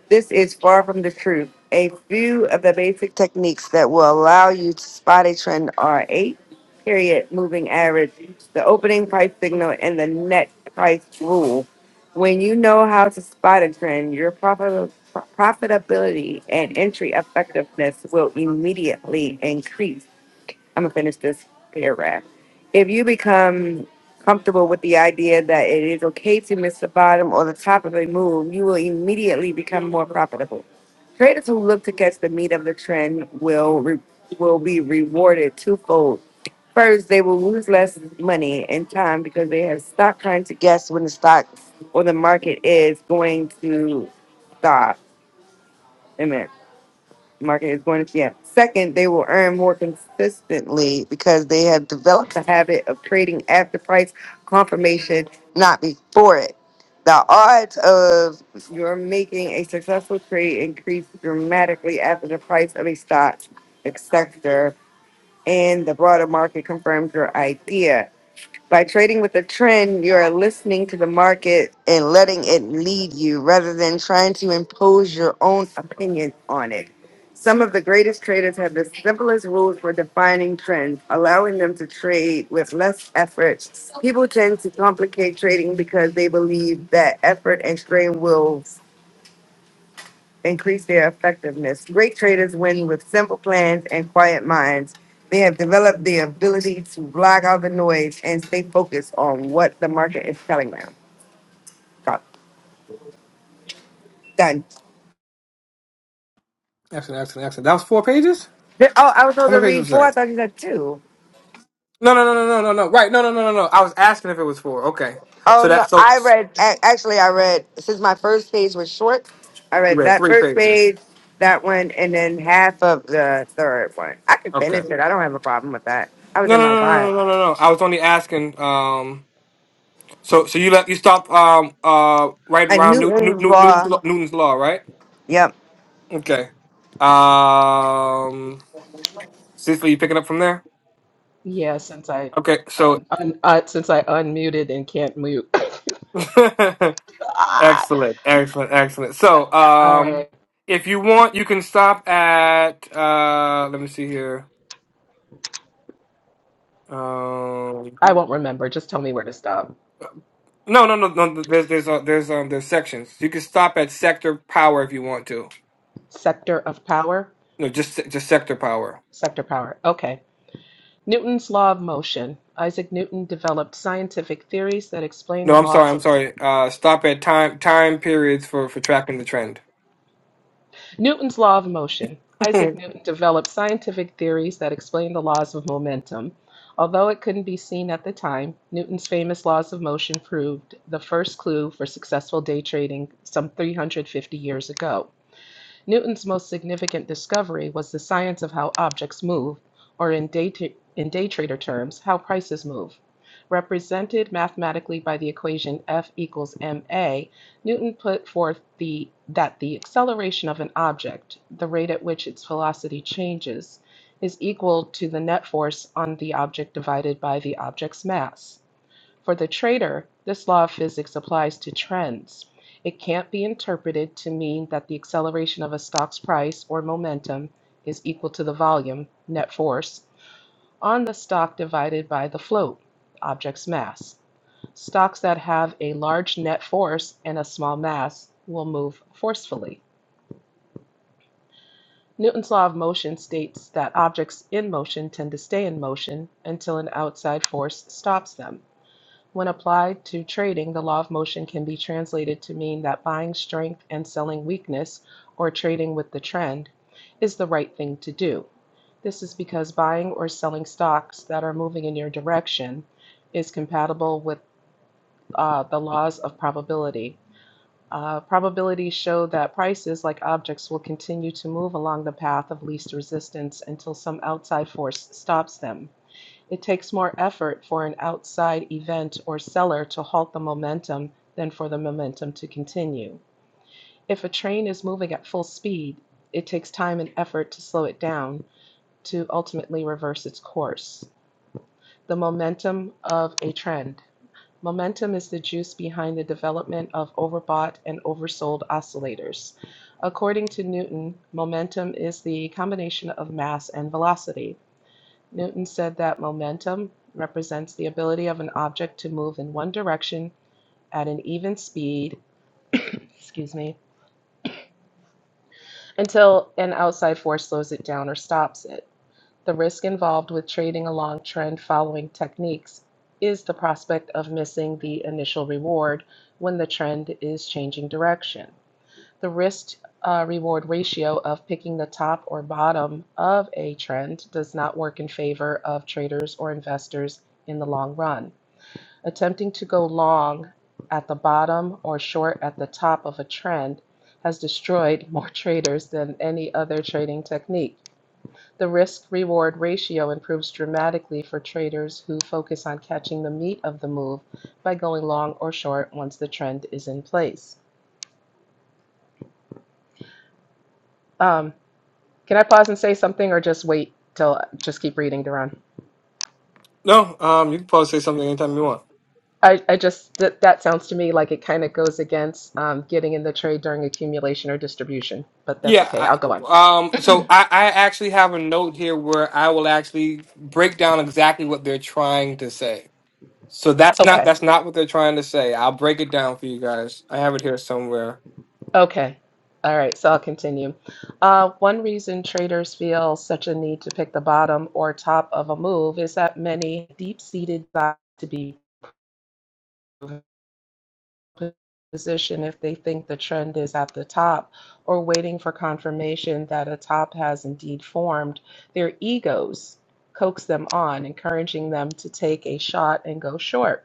Speaker 3: this is far from the truth. A few of the basic techniques that will allow you to spot a trend are eight period moving average, the opening price signal, and the net price rule. When you know how to spot a trend, your profit, profitability and entry effectiveness will immediately increase. I'm gonna finish this paragraph. If you become comfortable with the idea that it is okay to miss the bottom or the top of a move, you will immediately become more profitable. Traders who look to catch the meat of the trend will re- will be rewarded twofold. First, they will lose less money and time because they have stopped trying to guess when the stock or the market is going to stop. Amen market is going to yeah. Second, they will earn more consistently because they have developed the habit of trading after price confirmation, not before it. The odds of your making a successful trade increase dramatically after the price of a stock, etc., and the broader market confirms your idea. By trading with a trend, you are listening to the market and letting it lead you rather than trying to impose your own opinion on it. Some of the greatest traders have the simplest rules for defining trends, allowing them to trade with less effort. People tend to complicate trading because they believe that effort and strain will increase their effectiveness. Great traders win with simple plans and quiet minds. They have developed the ability to block out the noise and stay focused on what the market is telling them. Got- Done.
Speaker 2: accident, accident, accident. That was four pages.
Speaker 3: Th- Oh, I was
Speaker 2: How
Speaker 3: supposed to
Speaker 2: many pages
Speaker 3: read
Speaker 2: was
Speaker 3: four. I
Speaker 2: that?
Speaker 3: thought you said two.
Speaker 2: No, no, no, no, no, no, no. Right, no, no, no, no, no. I was asking if it was four. Okay, so
Speaker 3: Oh no,
Speaker 2: that so
Speaker 3: I read. a- Actually, I read since my first page was short. I
Speaker 2: You
Speaker 3: read
Speaker 2: read
Speaker 3: that
Speaker 2: three
Speaker 3: first
Speaker 2: pages.
Speaker 3: page, that one, and then half of the third one. I could
Speaker 2: Okay.
Speaker 3: finish it. I don't have a problem with that. I was
Speaker 2: No,
Speaker 3: in
Speaker 2: no, no,
Speaker 3: my
Speaker 2: no, no,
Speaker 3: vibe.
Speaker 2: no, no. no. I was only asking. Um, so, so you let you stop. Um, uh, right
Speaker 3: A
Speaker 2: around New, New,
Speaker 3: Newton's
Speaker 2: New, Newton's,
Speaker 3: law.
Speaker 2: law, Newton's law, right?
Speaker 3: Yep.
Speaker 2: Okay. Um, Cicely, you picking up from there?
Speaker 4: Yeah, since I
Speaker 2: Okay. So,
Speaker 4: un, un, uh, since I unmuted and can't mute. Ah!
Speaker 2: excellent, excellent, excellent. So,
Speaker 4: All right.
Speaker 2: um, if you want, you can stop at. Uh, let me see here. Um,
Speaker 4: I won't remember. Just tell me where to stop.
Speaker 2: no, no, no, no. There's, there's, uh, there's, um, there's sections. You can stop at sector power if you want to.
Speaker 4: Sector of power?
Speaker 2: No, just just sector power.
Speaker 4: Sector power. Okay. Newton's law of motion. Isaac Newton developed scientific theories that explain
Speaker 2: No,
Speaker 4: the
Speaker 2: I'm sorry.
Speaker 4: laws
Speaker 2: I'm
Speaker 4: of
Speaker 2: sorry. Uh, stop at time time periods for for tracking the trend.
Speaker 4: Newton's law of motion. Isaac Newton developed scientific theories that explain the laws of momentum. Although it couldn't be seen at the time, Newton's famous laws of motion proved the first clue for successful day trading some 350 years ago. Newton's most significant discovery was the science of how objects move, or in day, in day trader terms, how prices move. Represented mathematically by the equation F equals ma, Newton put forth the, that the acceleration of an object, the rate at which its velocity changes, is equal to the net force on the object divided by the object's mass. For the trader, this law of physics applies to trends. It can't be interpreted to mean that the acceleration of a stock's price or momentum is equal to the volume, net force, on the stock divided by the float, object's mass. Stocks that have a large net force and a small mass will move forcefully. Newton's law of motion states that objects in motion tend to stay in motion until an outside force stops them. When applied to trading, the law of motion can be translated to mean that buying strength and selling weakness, or trading with the trend, is the right thing to do. This is because buying or selling stocks that are moving in your direction is compatible with uh, the laws of probability. Uh, probabilities show that prices, like objects, will continue to move along the path of least resistance until some outside force stops them. It takes more effort for an outside event or seller to halt the momentum than for the momentum to continue. If a train is moving at full speed, it takes time and effort to slow it down to ultimately reverse its course. The momentum of a trend. Momentum is the juice behind the development of overbought and oversold oscillators. According to Newton, momentum is the combination of mass and velocity. Newton said that momentum represents the ability of an object to move in one direction at an even speed, excuse me, until an outside force slows it down or stops it. The risk involved with trading along trend following techniques is the prospect of missing the initial reward when the trend is changing direction. The risk uh, reward ratio of picking the top or bottom of a trend does not work in favor of traders or investors in the long run. Attempting to go long at the bottom or short at the top of a trend has destroyed more traders than any other trading technique. The risk reward ratio improves dramatically for traders who focus on catching the meat of the move by going long or short once the trend is in place. Um, can I pause and say something or just wait till just keep reading, Daron?
Speaker 2: no, um, you can pause say something anytime you want.
Speaker 4: I, I just that that sounds to me like it kind of goes against um, getting in the trade during accumulation or distribution, but that's
Speaker 2: Yeah.
Speaker 4: okay.
Speaker 2: I,
Speaker 4: I'll go on.
Speaker 2: um. So I I actually have a note here where I will actually break down exactly what they're trying to say. So that's not
Speaker 4: Okay,
Speaker 2: that's not what they're trying to say. I'll break it down for you guys. I have it here somewhere.
Speaker 4: okay. All right, so I'll continue. Uh, one reason traders feel such a need to pick the bottom or top of a move is that many deep-seated desire to be. position if they think the trend is at the top or waiting for confirmation that a top has indeed formed, their egos coax them on, encouraging them to take a shot and go short.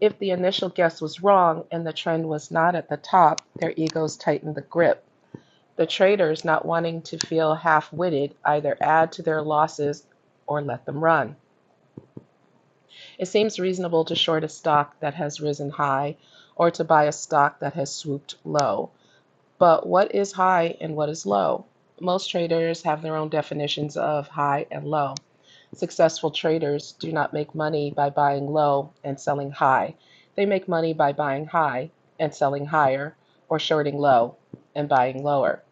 Speaker 4: If the initial guess was wrong and the trend was not at the top, their egos tighten the grip. The traders, not wanting to feel half witted, either add to their losses or let them run. It seems reasonable to short a stock that has risen high or to buy a stock that has swooped low. But what is high and what is low? Most traders have their own definitions of high and low. Successful traders do not make money by buying low and selling high. They make money by buying high and selling higher, or shorting low and buying lower.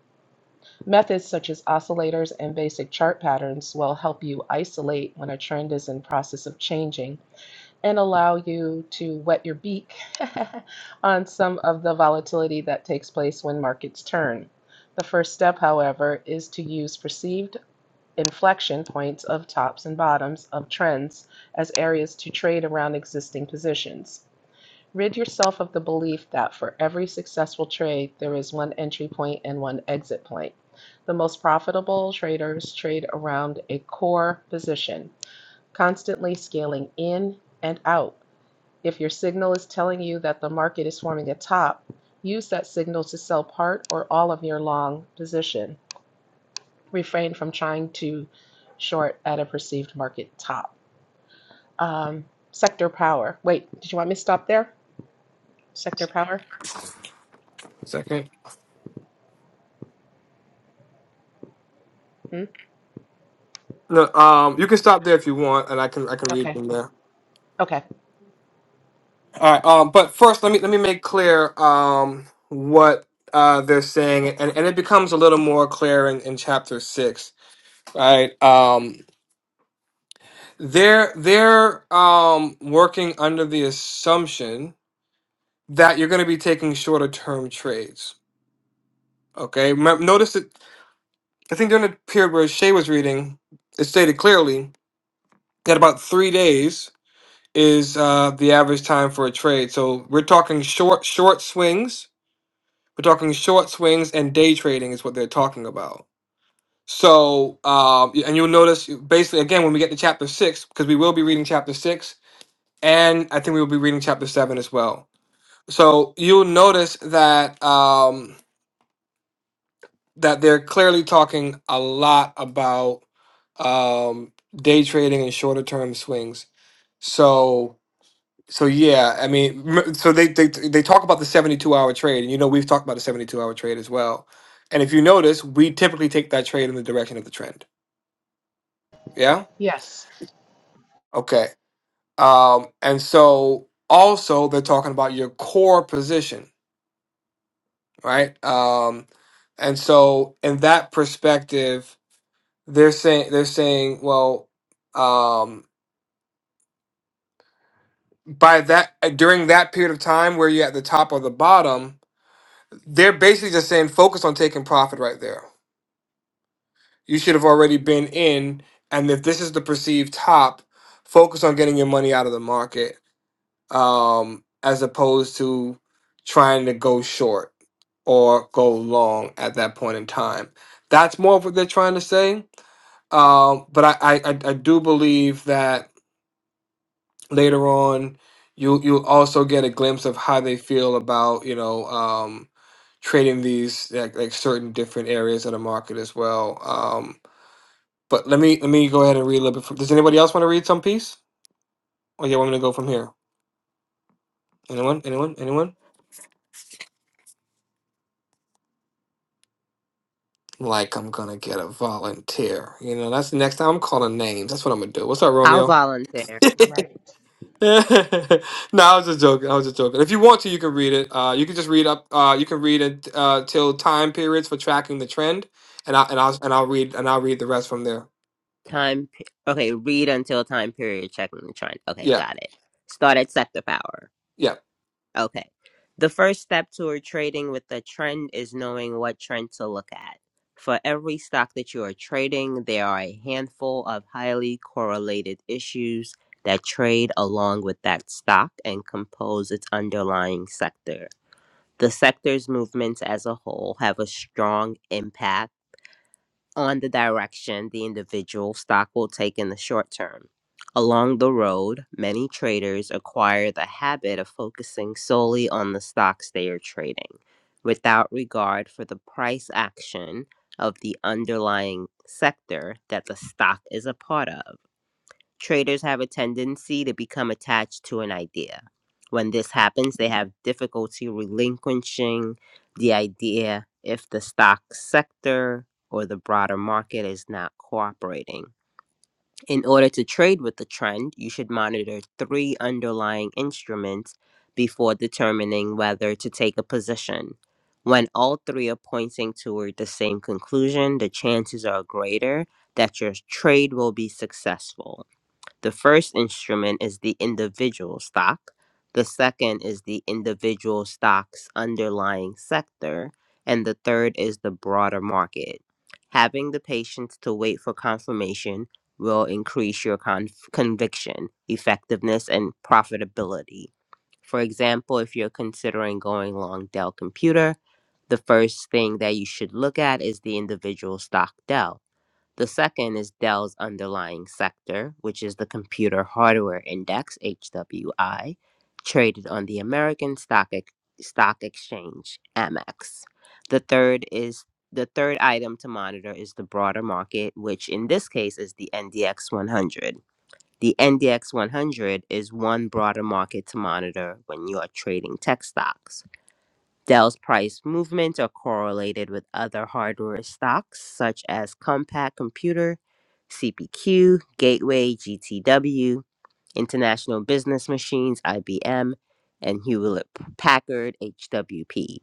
Speaker 4: Methods such as oscillators and basic chart patterns will help you isolate when a trend is in process of changing and allow you to wet your beak on some of the volatility that takes place when markets turn. The first step, however, is to use perceived inflection points of tops and bottoms of trends as areas to trade around existing positions. Rid yourself of the belief that for every successful trade, there is one entry point and one exit point. The most profitable traders trade around a core position, constantly scaling in and out if your signal is telling you that the market is forming a top, use that signal to sell part or all of your long position. Refrain from trying to short at a perceived market top. Um, sector power. Wait, did you want me to stop there? Sector power?
Speaker 2: Second.
Speaker 4: Hmm?
Speaker 2: No. Um. You can stop there if you want, and I can I can read
Speaker 4: Okay.
Speaker 2: from there.
Speaker 4: Okay.
Speaker 2: All right. Um, but first, let me let me make clear um, what uh, they're saying, and, and it becomes a little more clear in, in chapter six. Right. Um, they're they're um, working under the assumption that you're going to be taking shorter term trades. Okay. Remem- Notice that I think during the period where Shay was reading, it stated clearly that about three days is uh, the average time for a trade. So we're talking short short swings We're talking short swings and day trading is what they're talking about. So, um, and you'll notice basically again when we get to chapter six, because we will be reading chapter six, and I think we will be reading chapter seven as well. So you'll notice that um, that they're clearly talking a lot about um, day trading and shorter term swings. So So yeah, I mean, m- so they they they talk about the seventy two hour trade, and you know we've talked about the seventy two hour trade as well. And if you notice, we typically take that trade in the direction of the trend. Yeah.
Speaker 4: Yes.
Speaker 2: Okay. Um, and so also they're talking about your core position, right? Um, and so in that perspective, they're saying they're saying, well, um, by that during that period of time where you're at the top or the bottom, they're basically just saying focus on taking profit right there You should have already been in. And if this is the perceived top, focus on getting your money out of the market um, as opposed to trying to go short or go long at that point in time. That's more of what they're trying to say. Um, but I, I, I I do believe that later on, you you'll also get a glimpse of how they feel about you know um, trading these like, like certain different areas of the market as well. Um, but let me let me go ahead and read a little bit. From, does anybody else want to read some piece, or you want me to go from here? Anyone? Anyone? Anyone? Like I'm gonna get a volunteer. You know, that's next time I'm calling names. That's what I'm gonna do. What's up,
Speaker 6: I'll
Speaker 2: Romeo?
Speaker 6: volunteer.
Speaker 4: Right.
Speaker 2: no, I was just joking. I was just joking. If you want to, you can read it. Uh, you can just read up. Uh, you can read it uh, till time periods for tracking the trend, and I and I'll and I'll read and I'll read the rest from there.
Speaker 6: Time. pe- Okay, read until time period checking the trend. Okay,
Speaker 2: Yeah,
Speaker 6: got it. Start at sector power.
Speaker 2: yeah.
Speaker 6: Okay. The first step toward trading with the trend is knowing what trend to look at. For every stock that you are trading, there are a handful of highly correlated issues that trade along with that stock and compose its underlying sector. The sector's movements as a whole have a strong impact on the direction the individual stock will take in the short term. Along the road, many traders acquire the habit of focusing solely on the stocks they are trading, without regard for the price action of the underlying sector that the stock is a part of. Traders have a tendency to become attached to an idea. When this happens, they have difficulty relinquishing the idea if the stock sector or the broader market is not cooperating. In order to trade with the trend, you should monitor three underlying instruments before determining whether to take a position. When all three are pointing toward the same conclusion, the chances are greater that your trade will be successful. The first instrument is the individual stock. The second is the individual stock's underlying sector. And the third is the broader market. Having the patience to wait for confirmation will increase your conf- conviction, effectiveness, and profitability. For example, if you're considering going long Dell computer, the first thing that you should look at is the individual stock Dell the second is Dell's underlying sector, which is the Computer Hardware Index (HWI), traded on the American Stock Ex- Stock Exchange (AMEX). The third is the third item to monitor is the broader market, which in this case is the NDX 100. The NDX 100 is one broader market to monitor when you are trading tech stocks. Dell's price movements are correlated with other hardware stocks such as Compaq Computer, CPQ, Gateway, GTW, International Business Machines, IBM, and Hewlett Packard, HWP.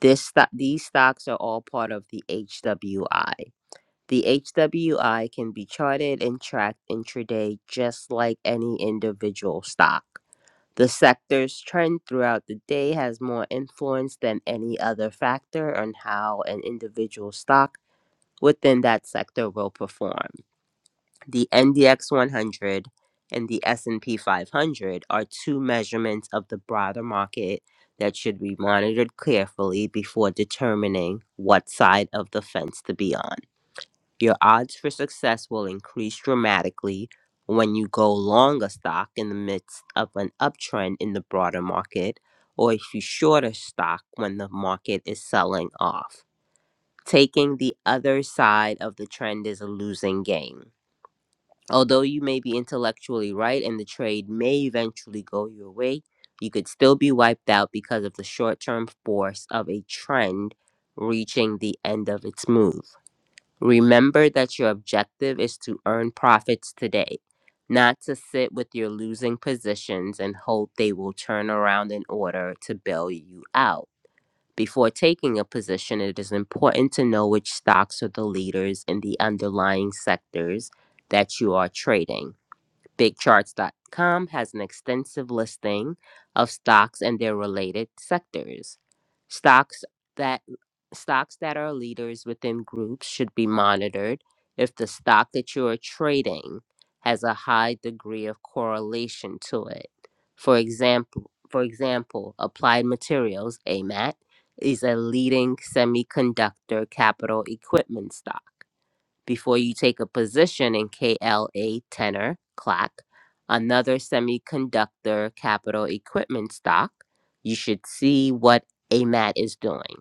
Speaker 6: This sto- these stocks are all part of the HWI. The HWI can be charted and tracked intraday just like any individual stock. The sector's trend throughout the day has more influence than any other factor on how an individual stock within that sector will perform. The NDX 100 and the S&P 500 are two measurements of the broader market that should be monitored carefully before determining what side of the fence to be on. Your odds for success will increase dramatically when you go long a stock in the midst of an uptrend in the broader market, or if you short a stock when the market is selling off. Taking the other side of the trend is a losing game. Although you may be intellectually right and the trade may eventually go your way, you could still be wiped out because of the short term force of a trend reaching the end of its move. Remember that your objective is to earn profits today, not to sit with your losing positions and hope they will turn around in order to bail you out. Before taking a position, it is important to know which stocks are the leaders in the underlying sectors that you are trading. BigCharts.com has an extensive listing of stocks and their related sectors. Stocks that Stocks that are leaders within groups should be monitored if the stock that you are trading has a high degree of correlation to it. For example, for example, Applied Materials (AMAT) is a leading semiconductor capital equipment stock. Before you take a position in KLA Tenor (CLAC), another semiconductor capital equipment stock, you should see what AMAT is doing.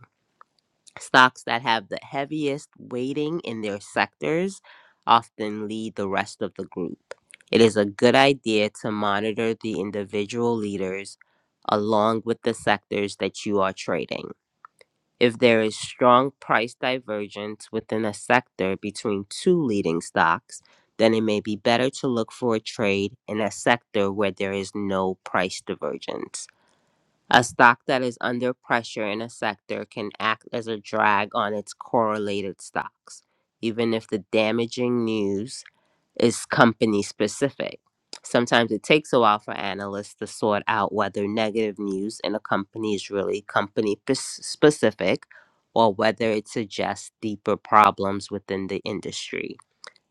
Speaker 6: Stocks that have the heaviest weighting in their sectors often lead the rest of the group. It is a good idea to monitor the individual leaders along with the sectors that you are trading. If there is strong price divergence within a sector between two leading stocks, then it may be better to look for a trade in a sector where there is no price divergence. A stock that is under pressure in a sector can act as a drag on its correlated stocks, even if the damaging news is company specific. Sometimes it takes a while for analysts to sort out whether negative news in a company is really company pes- specific or whether it suggests deeper problems within the industry.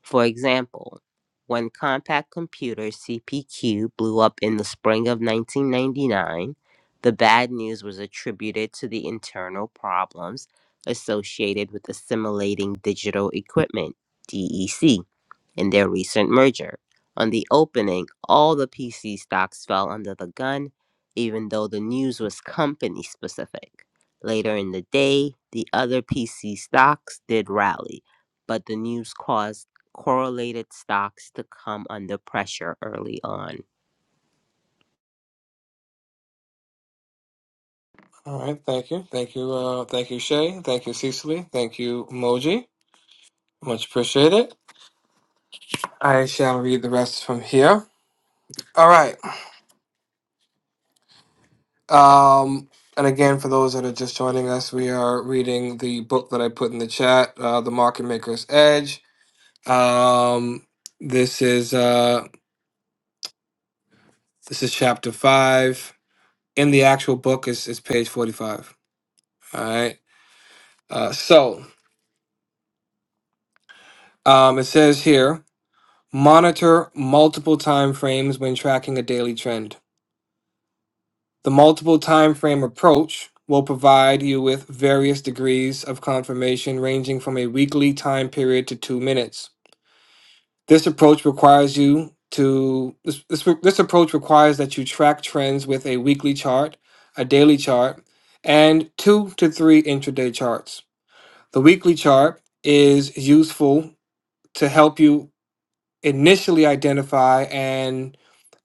Speaker 6: For example, when compact computer CPQ blew up in the spring of 1999, the bad news was attributed to the internal problems associated with assimilating digital equipment, DEC in their recent merger. On the opening, all the PC stocks fell under the gun, even though the news was company specific. Later in the day, the other PC stocks did rally, but the news caused correlated stocks to come under pressure early on.
Speaker 2: All right. Thank you. Thank you. Uh, thank you, Shay. Thank you, Cecily. Thank you, Moji. Much appreciated. I shall read the rest from here. All right. Um, and again, for those that are just joining us, we are reading the book that I put in the chat, uh, "The Market Maker's Edge." Um, this is uh, this is chapter five. In the actual book is is page forty-five. All right. Uh, so um, it says here: monitor multiple time frames when tracking a daily trend. The multiple time frame approach will provide you with various degrees of confirmation ranging from a weekly time period to 2 minutes. This approach requires you to this, this, this approach requires that you track trends with a weekly chart, a daily chart, and 2 to 3 intraday charts. The weekly chart is useful to help you initially identify an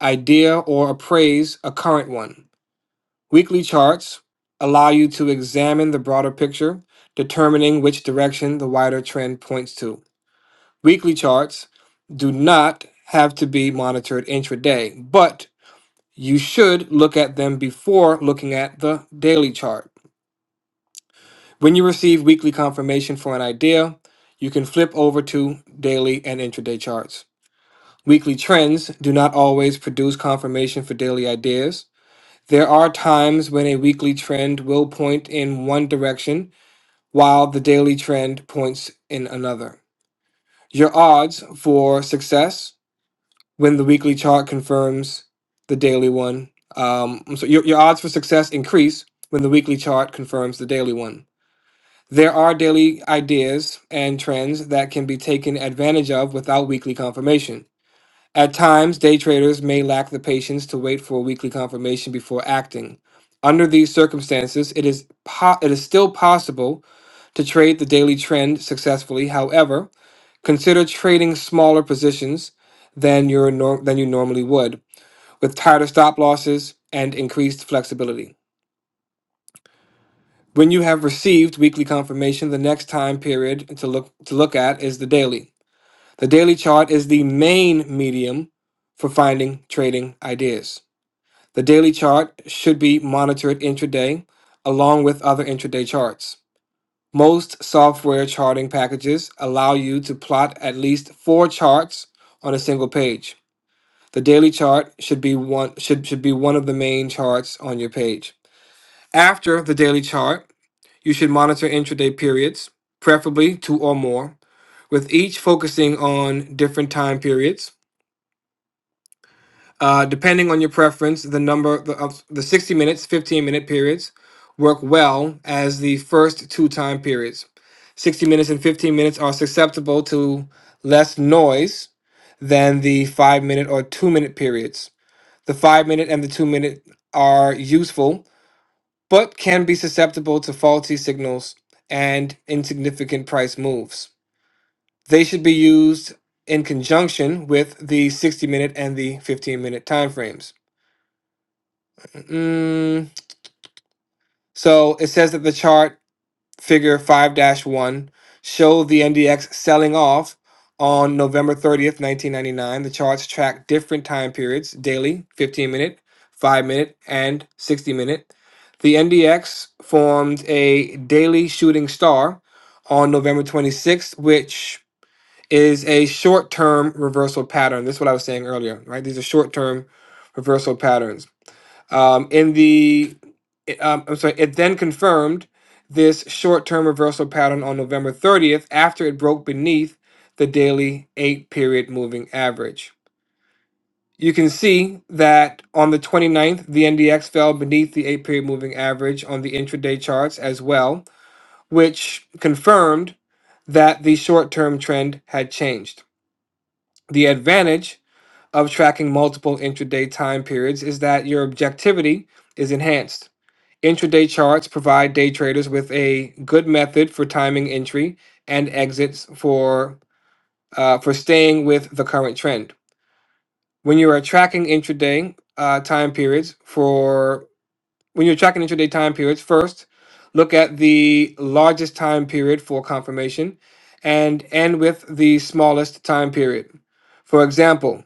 Speaker 2: idea or appraise a current one. Weekly charts allow you to examine the broader picture, determining which direction the wider trend points to. Weekly charts do not have to be monitored intraday, but you should look at them before looking at the daily chart. When you receive weekly confirmation for an idea, you can flip over to daily and intraday charts. Weekly trends do not always produce confirmation for daily ideas. There are times when a weekly trend will point in one direction while the daily trend points in another. Your odds for success when the weekly chart confirms the daily one. Um, so your, your odds for success increase when the weekly chart confirms the daily one. There are daily ideas and trends that can be taken advantage of without weekly confirmation. At times, day traders may lack the patience to wait for a weekly confirmation before acting. Under these circumstances, it is, po- it is still possible to trade the daily trend successfully. However, consider trading smaller positions than, your nor- than you normally would, with tighter stop losses and increased flexibility. When you have received weekly confirmation, the next time period to look, to look at is the daily. The daily chart is the main medium for finding trading ideas. The daily chart should be monitored intraday along with other intraday charts. Most software charting packages allow you to plot at least four charts on a single page. The daily chart should be one should, should be one of the main charts on your page. After the daily chart, you should monitor intraday periods, preferably two or more, with each focusing on different time periods. Uh, depending on your preference, the number the, of the 60 minutes, 15 minute periods work well as the first two time periods. 60 minutes and 15 minutes are susceptible to less noise than the 5 minute or 2 minute periods. The 5 minute and the 2 minute are useful but can be susceptible to faulty signals and insignificant price moves. They should be used in conjunction with the 60 minute and the 15 minute timeframes. Mm, so it says that the chart figure 5-1 dash one showed the NDX selling off on November 30th, 1999. The charts track different time periods daily, 15 minute, 5 minute, and 60 minute. The NDX formed a daily shooting star on November 26th, which is a short term reversal pattern. This is what I was saying earlier, right? These are short term reversal patterns. Um, in the, i- um, I'm sorry, it then confirmed this short-term reversal pattern on November 30th after it broke beneath the daily eight-period moving average. You can see that on the 29th, the NDX fell beneath the eight-period moving average on the intraday charts as well, which confirmed that the short-term trend had changed. The advantage of tracking multiple intraday time periods is that your objectivity is enhanced Intraday charts provide day traders with a good method for timing entry and exits for uh, for staying with the current trend. When you are tracking intraday uh, time periods for when you're tracking intraday time periods, first look at the largest time period for confirmation and end with the smallest time period. For example,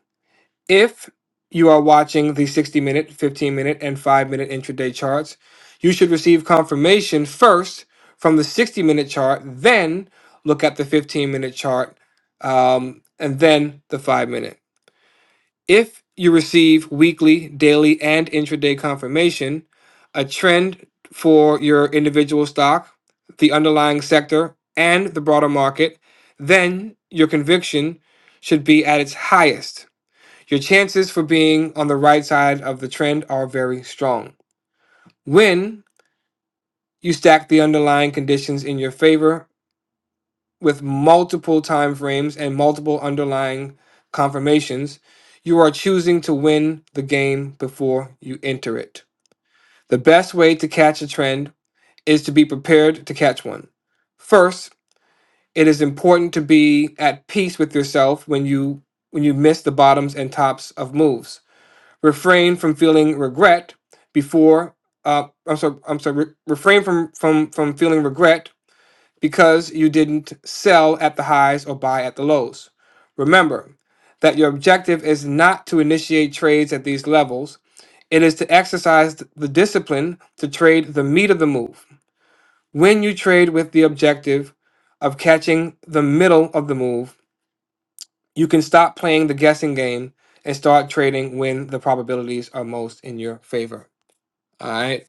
Speaker 2: if you are watching the 60 minute, 15 minute, and 5 minute intraday charts, you should receive confirmation first from the 60 minute chart, then look at the 15 minute chart, um, and then the 5 minute. If you receive weekly, daily, and intraday confirmation, a trend for your individual stock, the underlying sector, and the broader market, then your conviction should be at its highest. Your chances for being on the right side of the trend are very strong. When you stack the underlying conditions in your favor with multiple time frames and multiple underlying confirmations, you are choosing to win the game before you enter it. The best way to catch a trend is to be prepared to catch one. First, it is important to be at peace with yourself when you when you miss the bottoms and tops of moves. refrain from feeling regret before uh, I'm sorry, I'm sorry, re- refrain from, from, from feeling regret because you didn't sell at the highs or buy at the lows. Remember that your objective is not to initiate trades at these levels, it is to exercise th- the discipline to trade the meat of the move. When you trade with the objective of catching the middle of the move, you can stop playing the guessing game and start trading when the probabilities are most in your favor. All right.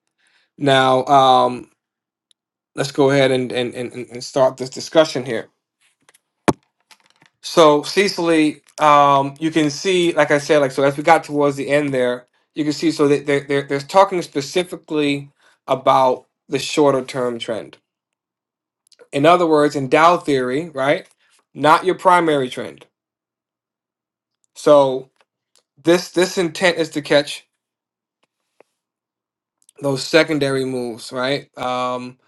Speaker 2: Now, um, let's go ahead and, and, and, and and start this discussion here. So, Cecily, um, you can see, like I said, like so as we got towards the end there, you can see so that they're, they're, they're talking specifically about the shorter term trend. In other words, in Dow theory, right? Not your primary trend. So this this intent is to catch those secondary moves, right? Um,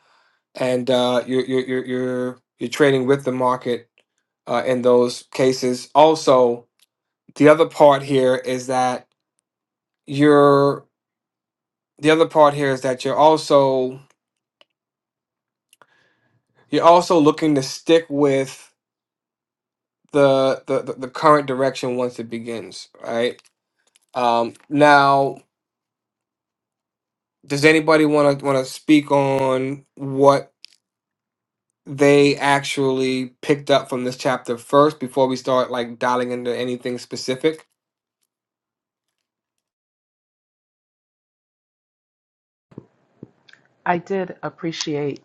Speaker 2: and uh, you're, you're you're you're you're trading with the market uh, in those cases. Also, the other part here is that you're the other part here is that you're also you're also looking to stick with the the, the the current direction once it begins, right? Um, now, does anybody want to want to speak on what? they actually picked up from this chapter first before we start like dialing into anything specific.
Speaker 4: I did appreciate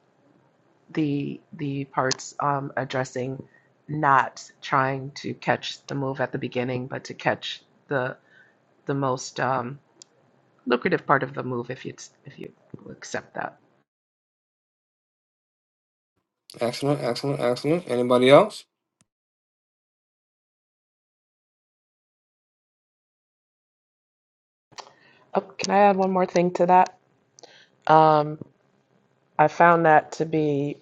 Speaker 4: the the parts um, addressing not trying to catch the move at the beginning, but to catch the the most. Um, lucrative part of the move if you if you accept that.
Speaker 2: Excellent, excellent, excellent. Anybody else?
Speaker 4: Oh, can I add one more thing to that? Um, I found that to be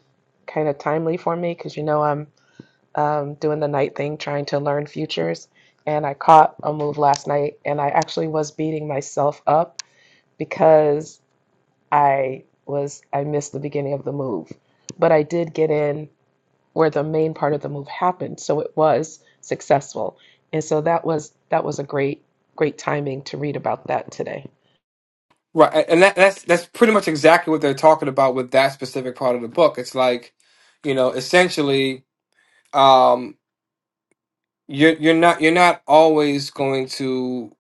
Speaker 4: kind of timely for me because you know I'm um, doing the night thing, trying to learn futures, and I caught a move last night, and I actually was beating myself up because I was I missed the beginning of the move, but I did get in where the main part of the move happened. So it was successful. And so that was that was a great great timing to read about that today.
Speaker 2: Right, a- and that, that's that's pretty much exactly what they're talking about with that specific part of the book. It's like, you know, essentially, um, you're you're not you're not always going to.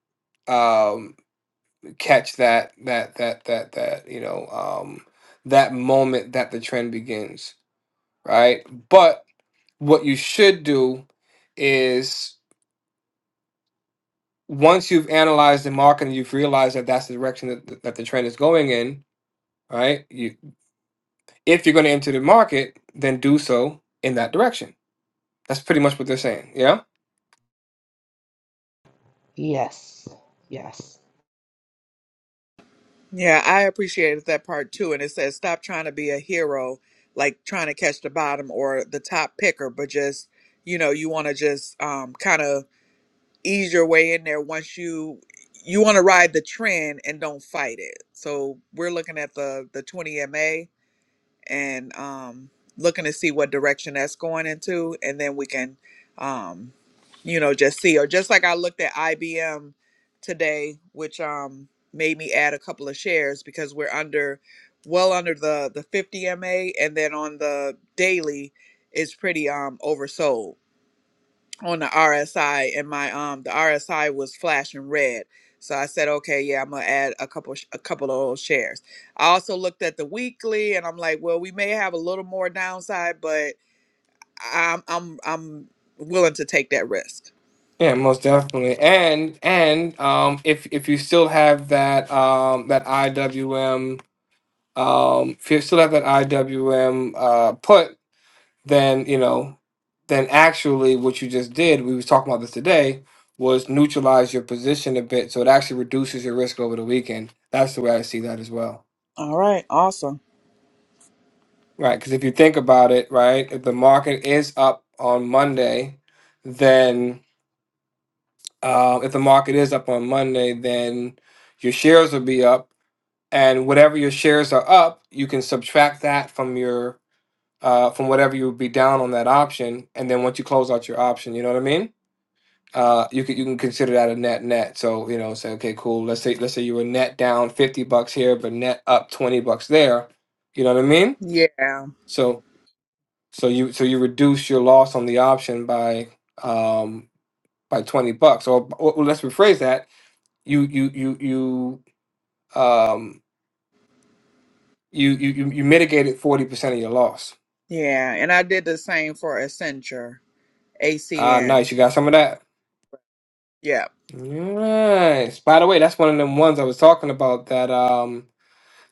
Speaker 2: um, catch that that that that that you know um that moment that the trend begins right but what you should do is once you've analyzed the market and you've realized that that's the direction that, that the trend is going in right you if you're going to enter the market then do so in that direction that's pretty much what they're saying yeah
Speaker 4: Yes. Yes.
Speaker 5: Yeah, I appreciated that part too. And it says, stop trying to be a hero, like trying to catch the bottom or the top picker, but just, you know, you want to just um, kind of ease your way in there once you you want to ride the trend and don't fight it. So we're looking at the the 20 MA and um, looking to see what direction that's going into, and then we can, um, you know, just see. Or just like I looked at IBM today, which um, made me add a couple of shares because we're under, well under the the 50 MA, and then on the daily is pretty um oversold on the RSI and my um the RSI was flashing red. So I said, okay, yeah, I'm gonna add a couple sh- a couple of old shares. I also looked at the weekly and I'm like, well, we may have a little more downside, but I'm I'm I'm willing to take that risk.
Speaker 2: yeah most definitely and and um if if you still have that um that iwm um, if you're still at that IWM uh, put, then you know, then actually what you just did, we was talking about this today, was neutralize your position a bit, so it actually reduces your risk over the weekend. That's the way I see that as well,
Speaker 5: All right, awesome.
Speaker 2: right? Because if you think about it, right, if the market is up on Monday, then uh, if the market is up on Monday, then your shares will be up, and whatever your shares are up, you can subtract that from your uh, from whatever you would be down on that option, and then once you close out your option, you know what I mean? Uh, you can you can consider that a net net. So you know, say okay, cool. Let's say let's say you were net down fifty bucks here, but net up twenty bucks there. You know what I mean?
Speaker 5: Yeah,
Speaker 2: So so you so you reduce your loss on the option by um by twenty bucks. Or, or let's rephrase that. You you you you um you you you you mitigated forty percent of your loss.
Speaker 5: yeah, and I did the same for Accenture,
Speaker 2: Ah,
Speaker 5: ACN.
Speaker 2: nice. You got some of that.
Speaker 5: Yeah.
Speaker 2: Nice. By the way, that's one of them ones I was talking about that um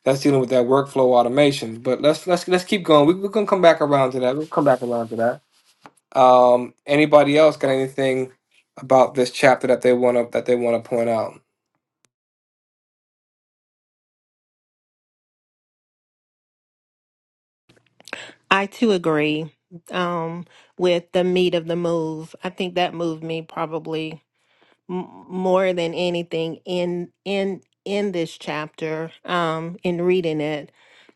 Speaker 2: that's dealing with that workflow automation. But let's let's let's keep going. We, we're gonna come back around to that. We'll come back around to that. Um, anybody else got anything about this chapter that they wanna that they wanna point out?
Speaker 7: I too agree um, with the meat of the move. I think that moved me probably m- more than anything in in in this chapter um in reading it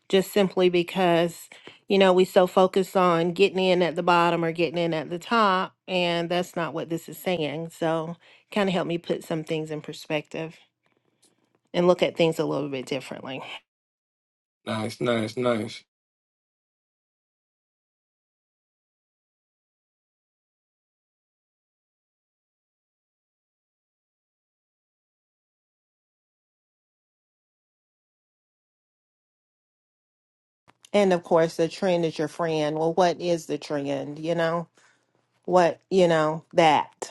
Speaker 7: just simply because you know we so focus on getting in at the bottom or getting in at the top and that's not what this is saying so kind of helped me put some things in perspective and look at things a little bit differently
Speaker 2: Nice, nice, nice.
Speaker 7: and of course the trend is your friend well what is the trend you know what you know that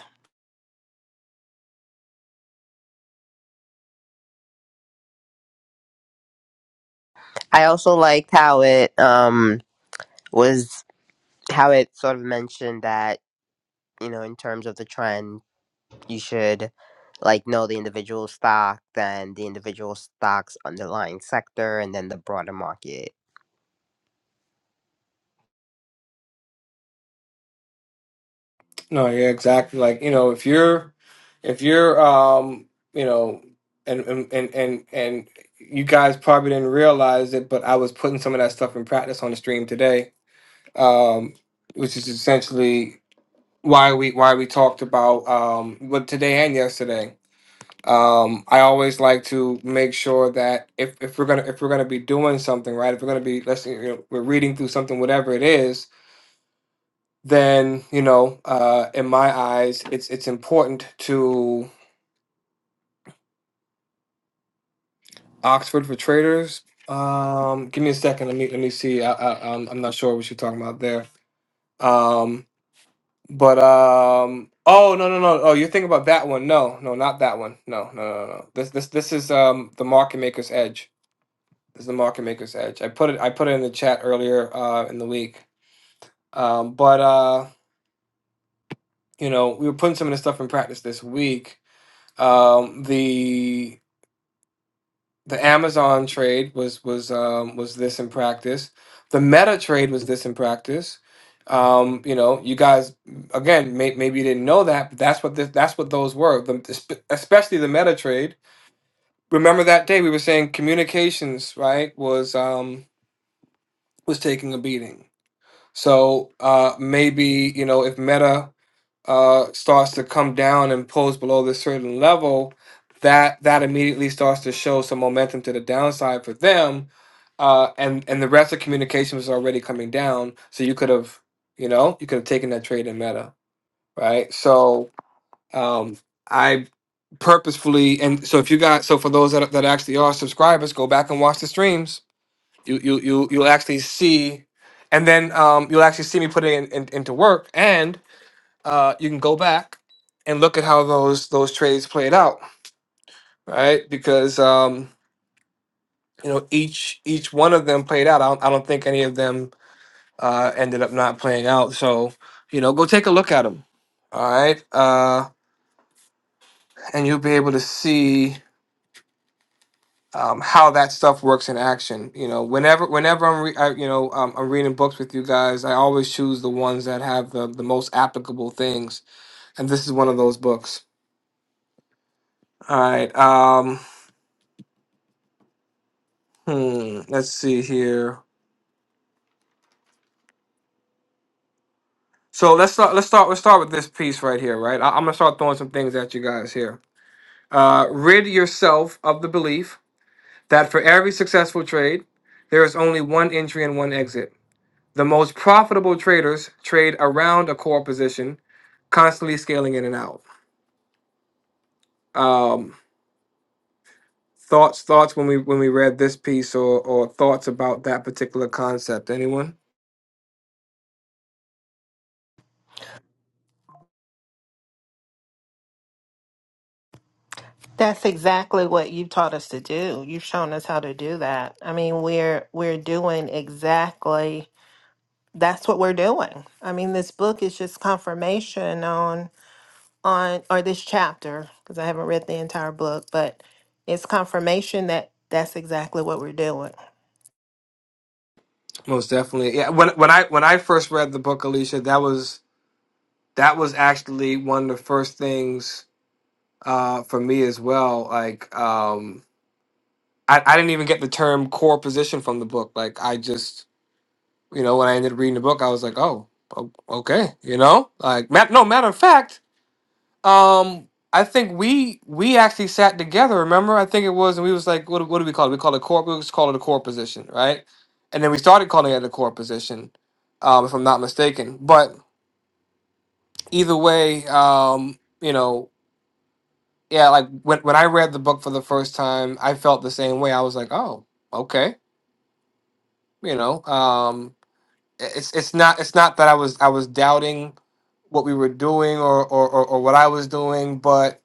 Speaker 6: I also liked how it um was how it sort of mentioned that, you know, in terms of the trend you should like know the individual stock, then the individual stock's underlying sector, and then the broader market.
Speaker 2: No, yeah, exactly. Like you know, if you're if you're um you know and and and and, and you guys probably didn't realize it, but I was putting some of that stuff in practice on the stream today um, which is essentially why we why we talked about um, but today and yesterday. Um, I always like to make sure that if, if we're gonna if we're gonna be doing something right, if we're gonna be let's say, you know, we're reading through something, whatever it is, then you know, uh, in my eyes, it's it's important to Oxford for Traders. Um, give me a second. Let me let me see. I, I, I'm I'm not sure what you're talking about there. Um, But um oh no no no oh you're thinking about that one. No, no, not that one. No, no, no, no. no. This this this is um the market maker's edge. This is the market maker's edge. I put it I put it in the chat earlier uh in the week. Um but uh you know, we were putting some of this stuff in practice this week. Um the the Amazon trade was was um, was this in practice. The Meta trade was this in practice. Um, you know, you guys again may, maybe you didn't know that, but that's what this, that's what those were. The, espe- especially the Meta trade. Remember that day we were saying communications right was um, was taking a beating. So uh, maybe you know if Meta uh, starts to come down and pulls below this certain level, that that immediately starts to show some momentum to the downside for them, uh, and and the rest of communication was already coming down. So you could have, you know, you could have taken that trade in Meta, right? So um, I purposefully and so if you got so for those that that actually are subscribers, go back and watch the streams. You you you you'll actually see. And then um, you'll actually see me put it in, in, into work, and uh, you can go back and look at how those those trades played out, right? Because um, you know each each one of them played out. I don't, I don't think any of them uh, ended up not playing out. So you know, go take a look at them, all right, uh, and you'll be able to see um, how that stuff works in action. You know, whenever whenever I'm re- I, you know um, I'm reading books with you guys, I always choose the ones that have the the most applicable things, and this is one of those books. All right. Um, Hmm. Let's see here. So let's start. Let's start. Let's start with this piece right here. Right. I, I'm gonna start throwing some things at you guys here. Uh, rid yourself of the belief that for every successful trade, there is only one entry and one exit. The most profitable traders trade around a core position, constantly scaling in and out. Um, thoughts. Thoughts when we when we read this piece or or thoughts about that particular concept. Anyone?
Speaker 7: That's exactly what you've taught us to do. You've shown us how to do that. I mean, we're we're doing exactly that's what we're doing. I mean, this book is just confirmation on on or this chapter because I haven't read the entire book, but it's confirmation that that's exactly what we're doing.
Speaker 2: Most definitely. Yeah. When when I when I first read the book, Alicia, that was that was actually one of the first things uh, for me as well. Like, um, I, I didn't even get the term core position from the book. Like, I just, you know, when I ended up reading the book, I was like, oh, o- okay, you know, like, ma- no, matter of fact, um, I think we we actually sat together. Remember, I think it was, and we was like, what, what do we call it? We call it core. We just call it a core position, right? And then we started calling it a core position, um, if I'm not mistaken. But either way, um, you know. yeah, like when when I read the book for the first time, I felt the same way. I was like, oh, okay, you know, um, i- it's it's not it's not that I was I was doubting what we were doing or or or, or what I was doing, but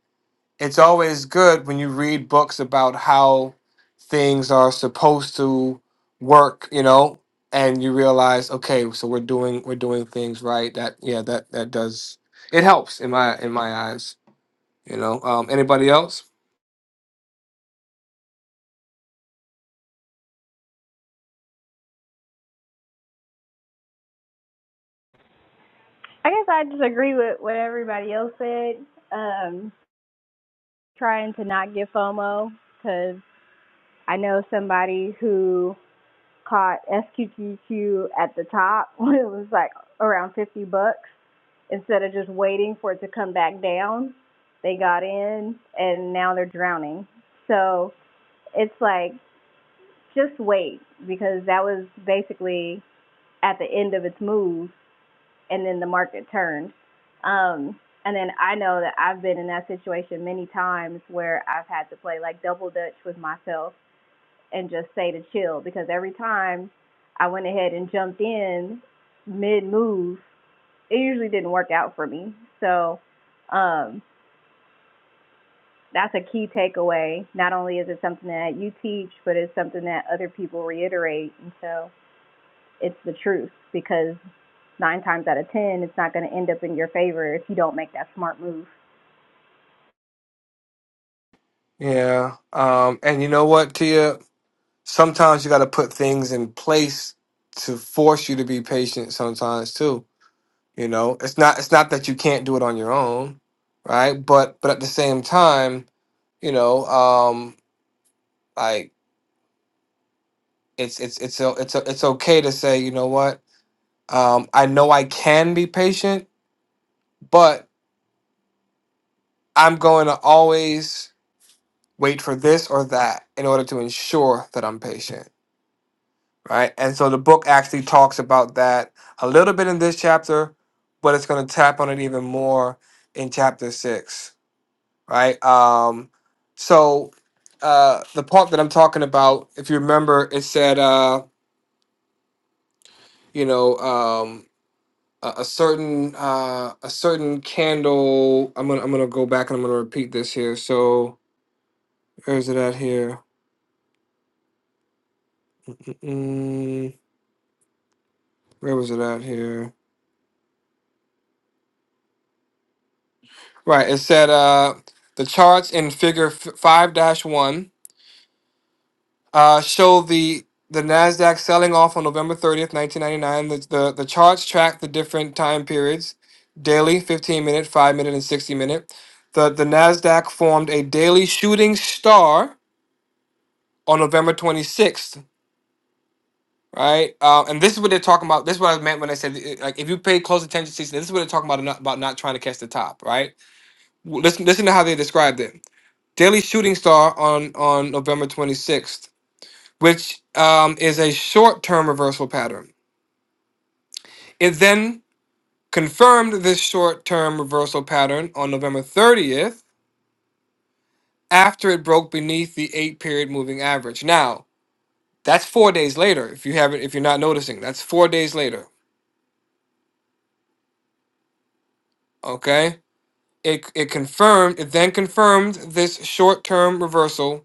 Speaker 2: it's always good when you read books about how things are supposed to work, you know, and you realize, okay, so we're doing we're doing things right. That yeah, that that does it helps in my in my eyes, you know. Um, anybody else?
Speaker 1: I guess I disagree with what everybody else said. Um, trying to not get FOMO because I know somebody who caught SQQQ at the top when it was like around 50 bucks. Instead of just waiting for it to come back down, they got in and now they're drowning. So it's like, just wait because that was basically at the end of its move and then the market turned. Um, and then I know that I've been in that situation many times where I've had to play like double dutch with myself and just say to chill because every time I went ahead and jumped in mid move, it usually didn't work out for me. So um, that's a key takeaway. Not only is it something that you teach, but it's something that other people reiterate. And so it's the truth because nine times out of 10, it's not going to end up in your favor if you don't make that smart move.
Speaker 2: Yeah. Um, and you know what, Tia? Sometimes you got to put things in place to force you to be patient sometimes too. You know, it's not it's not that you can't do it on your own, right? But but at the same time, you know, um like it's it's it's o- it's o- it's okay to say, you know what? Um I know I can be patient, but I'm going to always wait for this or that in order to ensure that I'm patient right? And so the book actually talks about that a little bit in this chapter, but it's going to tap on it even more in chapter six, right? Um, so uh, the part that I'm talking about, if you remember, it said, uh, you know, um, a, a certain uh, a certain candle. I'm gonna I'm gonna go back and I'm gonna repeat this here. So where is it at here? mm Where was it at here? Right. It said uh, the charts in Figure Five Dash One uh, show the the Nasdaq selling off on November thirtieth, nineteen ninety nine. The, the the charts track the different time periods: daily, fifteen minute, five minute, and sixty minute. The the Nasdaq formed a daily shooting star on November twenty sixth. Right, uh, and this is what they're talking about. This is what I meant when I said, uh, like, if you pay close attention to this, this is what they're talking about about not trying to catch the top. Right, W- listen, listen to how they described it. Daily Shooting Star on on November 26th, which um, is a short-term reversal pattern. It then confirmed this short-term reversal pattern on November 30th after it broke beneath the eight-period moving average. Now that's four days later. If you haven't, if you're not noticing, that's four days later. Okay. It, it confirmed it then confirmed this short-term reversal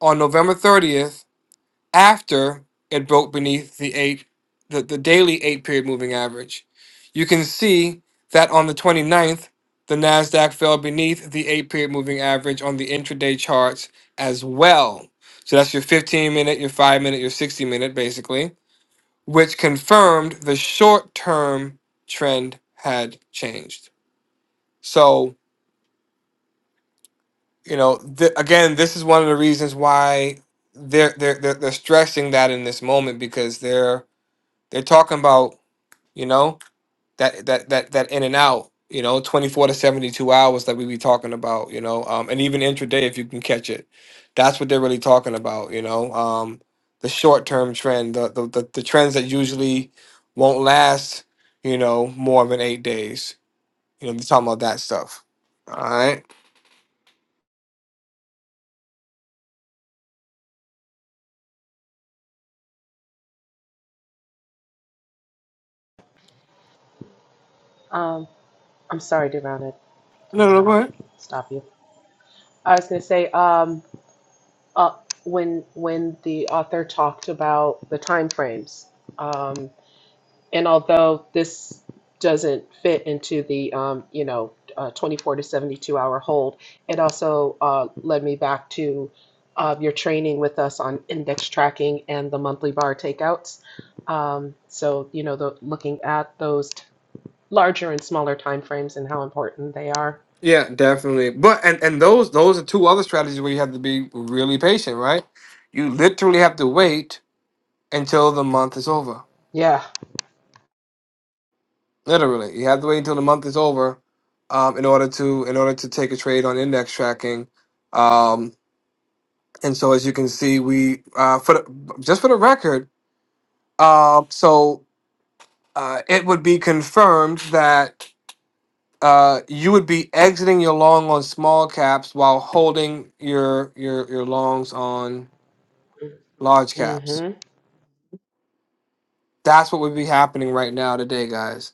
Speaker 2: on November 30th after it broke beneath the eight the, the daily eight period moving average you can see that on the twenty-ninth, the nasdaq fell beneath the eight period moving average on the intraday charts as well so that's your 15 minute your 5 minute your 60 minute basically which confirmed the short term trend had changed so you know th- again this is one of the reasons why they're, they're they're they're stressing that in this moment because they're They're talking about, you know, that that that that in and out, you know, 24 to 72 hours that we be talking about, you know, um, and even intraday if you can catch it. That's what they're really talking about, you know. Um, the short term trend, the, the the the trends that usually won't last, you know, more than eight days. You know, they're talking about that stuff. All right.
Speaker 4: Um I'm sorry, Deron, I
Speaker 2: No,
Speaker 4: didn't mean
Speaker 2: no, go
Speaker 4: to
Speaker 2: ahead.
Speaker 4: stop you. I was gonna say, um uh when when the author talked about the time frames. um, And although this doesn't fit into the, um, you know, uh, 24 to 72 hour hold, it also uh, led me back to uh, your training with us on index tracking and the monthly bar takeouts. Um, so, you know, the, looking at those t- larger and smaller timeframes and how important they are.
Speaker 2: Yeah, definitely. But and and those those are two other strategies where you have to be really patient, right? You literally have to wait until the month is over.
Speaker 4: Yeah.
Speaker 2: Literally, you have to wait until the month is over um, in order to in order to take a trade on index tracking. Um, and so, as you can see, we uh, for the, just for the record, uh, so uh, it would be confirmed that uh, you would be exiting your long on small caps while holding your your your longs on large caps.
Speaker 4: hmm
Speaker 2: That's what would be happening right now today, guys.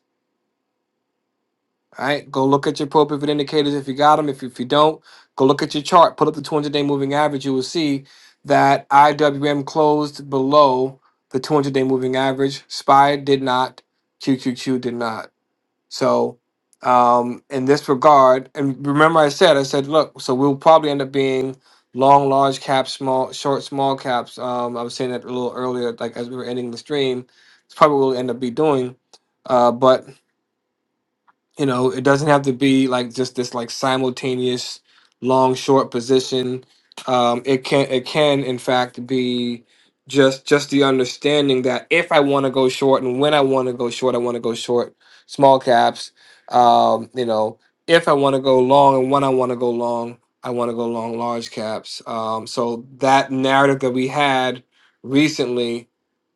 Speaker 2: All right, go look at your appropriate indicators if you got them. If, if you don't, go look at your chart. Put up the 200 day moving average. You will see that IWM closed below the 200 day moving average. SPY did not, QQQ did not. So, um, in this regard, and remember I said, I said, look, so we'll probably end up being long, large caps, small, short, small caps. Um, I was saying that a little earlier, like as we were ending the stream, it's probably what we'll end up be doing. Uh, but you know it doesn't have to be like just this like simultaneous long short position um it can it can in fact be just just the understanding that if i want to go short and when i want to go short i want to go short small caps um you know if i want to go long and when i want to go long i want to go long large caps um so that narrative that we had recently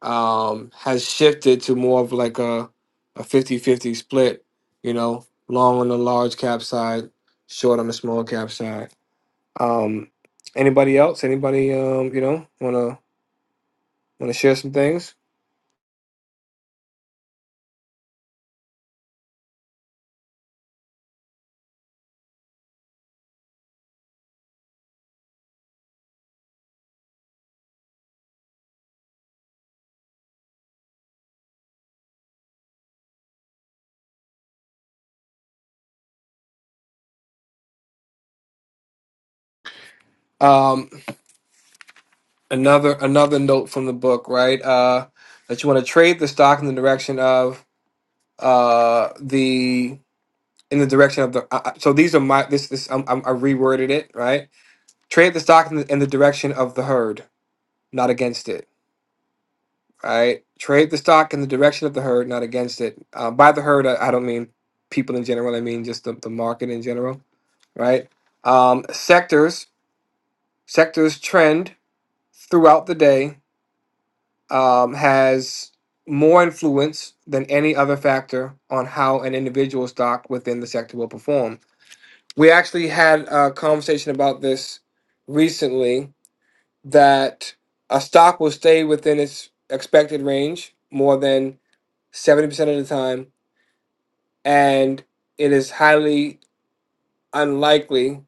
Speaker 2: um has shifted to more of like a a 50-50 split you know, long on the large cap side, short on the small cap side. Um, anybody else? Anybody um, you know, wanna wanna share some things? Um, another another note from the book, right? Uh, that you want to trade the stock in the direction of uh the in the direction of the uh, uh, so these are my this this um, I'm, I reworded it right. Trade the stock in the, in the direction of the herd, not against it All right. Trade the stock in the direction of the herd, not against it. Uh, by the herd, I, I don't mean people in general. I mean just the, the market in general, right? Um, sectors, sectors trend throughout the day um, has more influence than any other factor on how an individual stock within the sector will perform. We actually had a conversation about this recently that a stock will stay within its expected range more than 70% of the time, and it is highly unlikely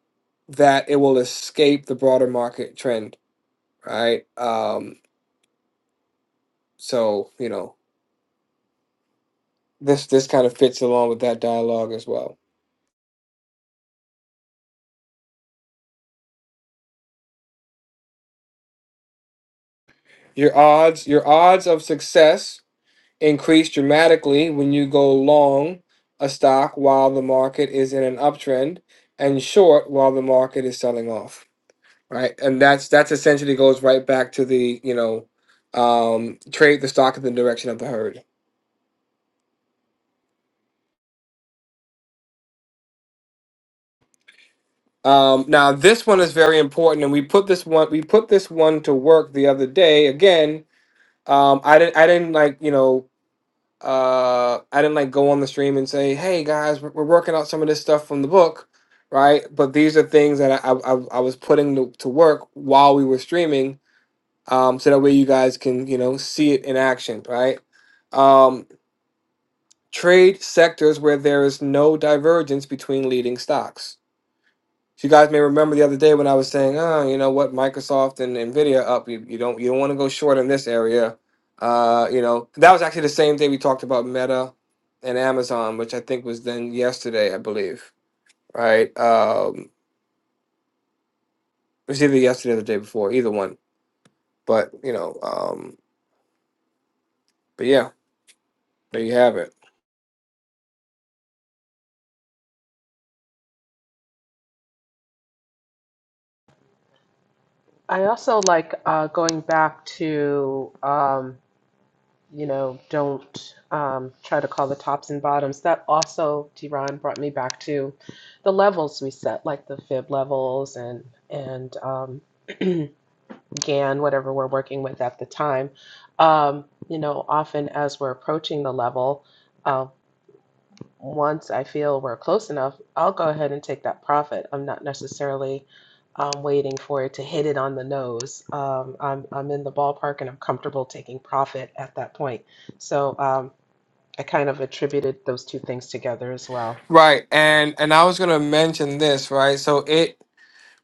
Speaker 2: that it will escape the broader market trend, right? Um, so, you know, this this kind of fits along with that dialogue as well. Your odds, your odds of success increase dramatically when you go long a stock while the market is in an uptrend and short while the market is selling off. right? And that's that's essentially goes right back to the you know um, trade the stock in the direction of the herd. Um, now this one is very important, and we put this one we put this one to work the other day. Again, um, I didn't I didn't like you know uh, I didn't like go on the stream and say, hey guys, we're, we're working out some of this stuff from the book. Right, but these are things that I I, I I was putting to, to work while we were streaming, um, so that way you guys can you know see it in action, right? Um, Trade sectors where there is no divergence between leading stocks. So you guys may remember the other day when I was saying, oh, you know what, Microsoft and Nvidia up. You, you don't you don't want to go short in this area. Uh, you know that was actually the same day we talked about Meta and Amazon, which I think was then yesterday, I believe. Right? Um, it was either yesterday or the day before, either one. But you know, um, but yeah, there you have it.
Speaker 4: I also like uh, going back to. um, you know, don't um, try to call the tops and bottoms. That also, Tiran, brought me back to the levels we set, like the fib levels and and um, GAN, whatever we're working with at the time. Um, you know, often as we're approaching the level, uh, once I feel we're close enough, I'll go ahead and take that profit. I'm not necessarily um, waiting for it to hit it on the nose. Um, I'm, I'm in the ballpark and I'm comfortable taking profit at that point. So, um, I kind of attributed those two things together as well.
Speaker 2: Right, and and I was gonna mention this, right? So it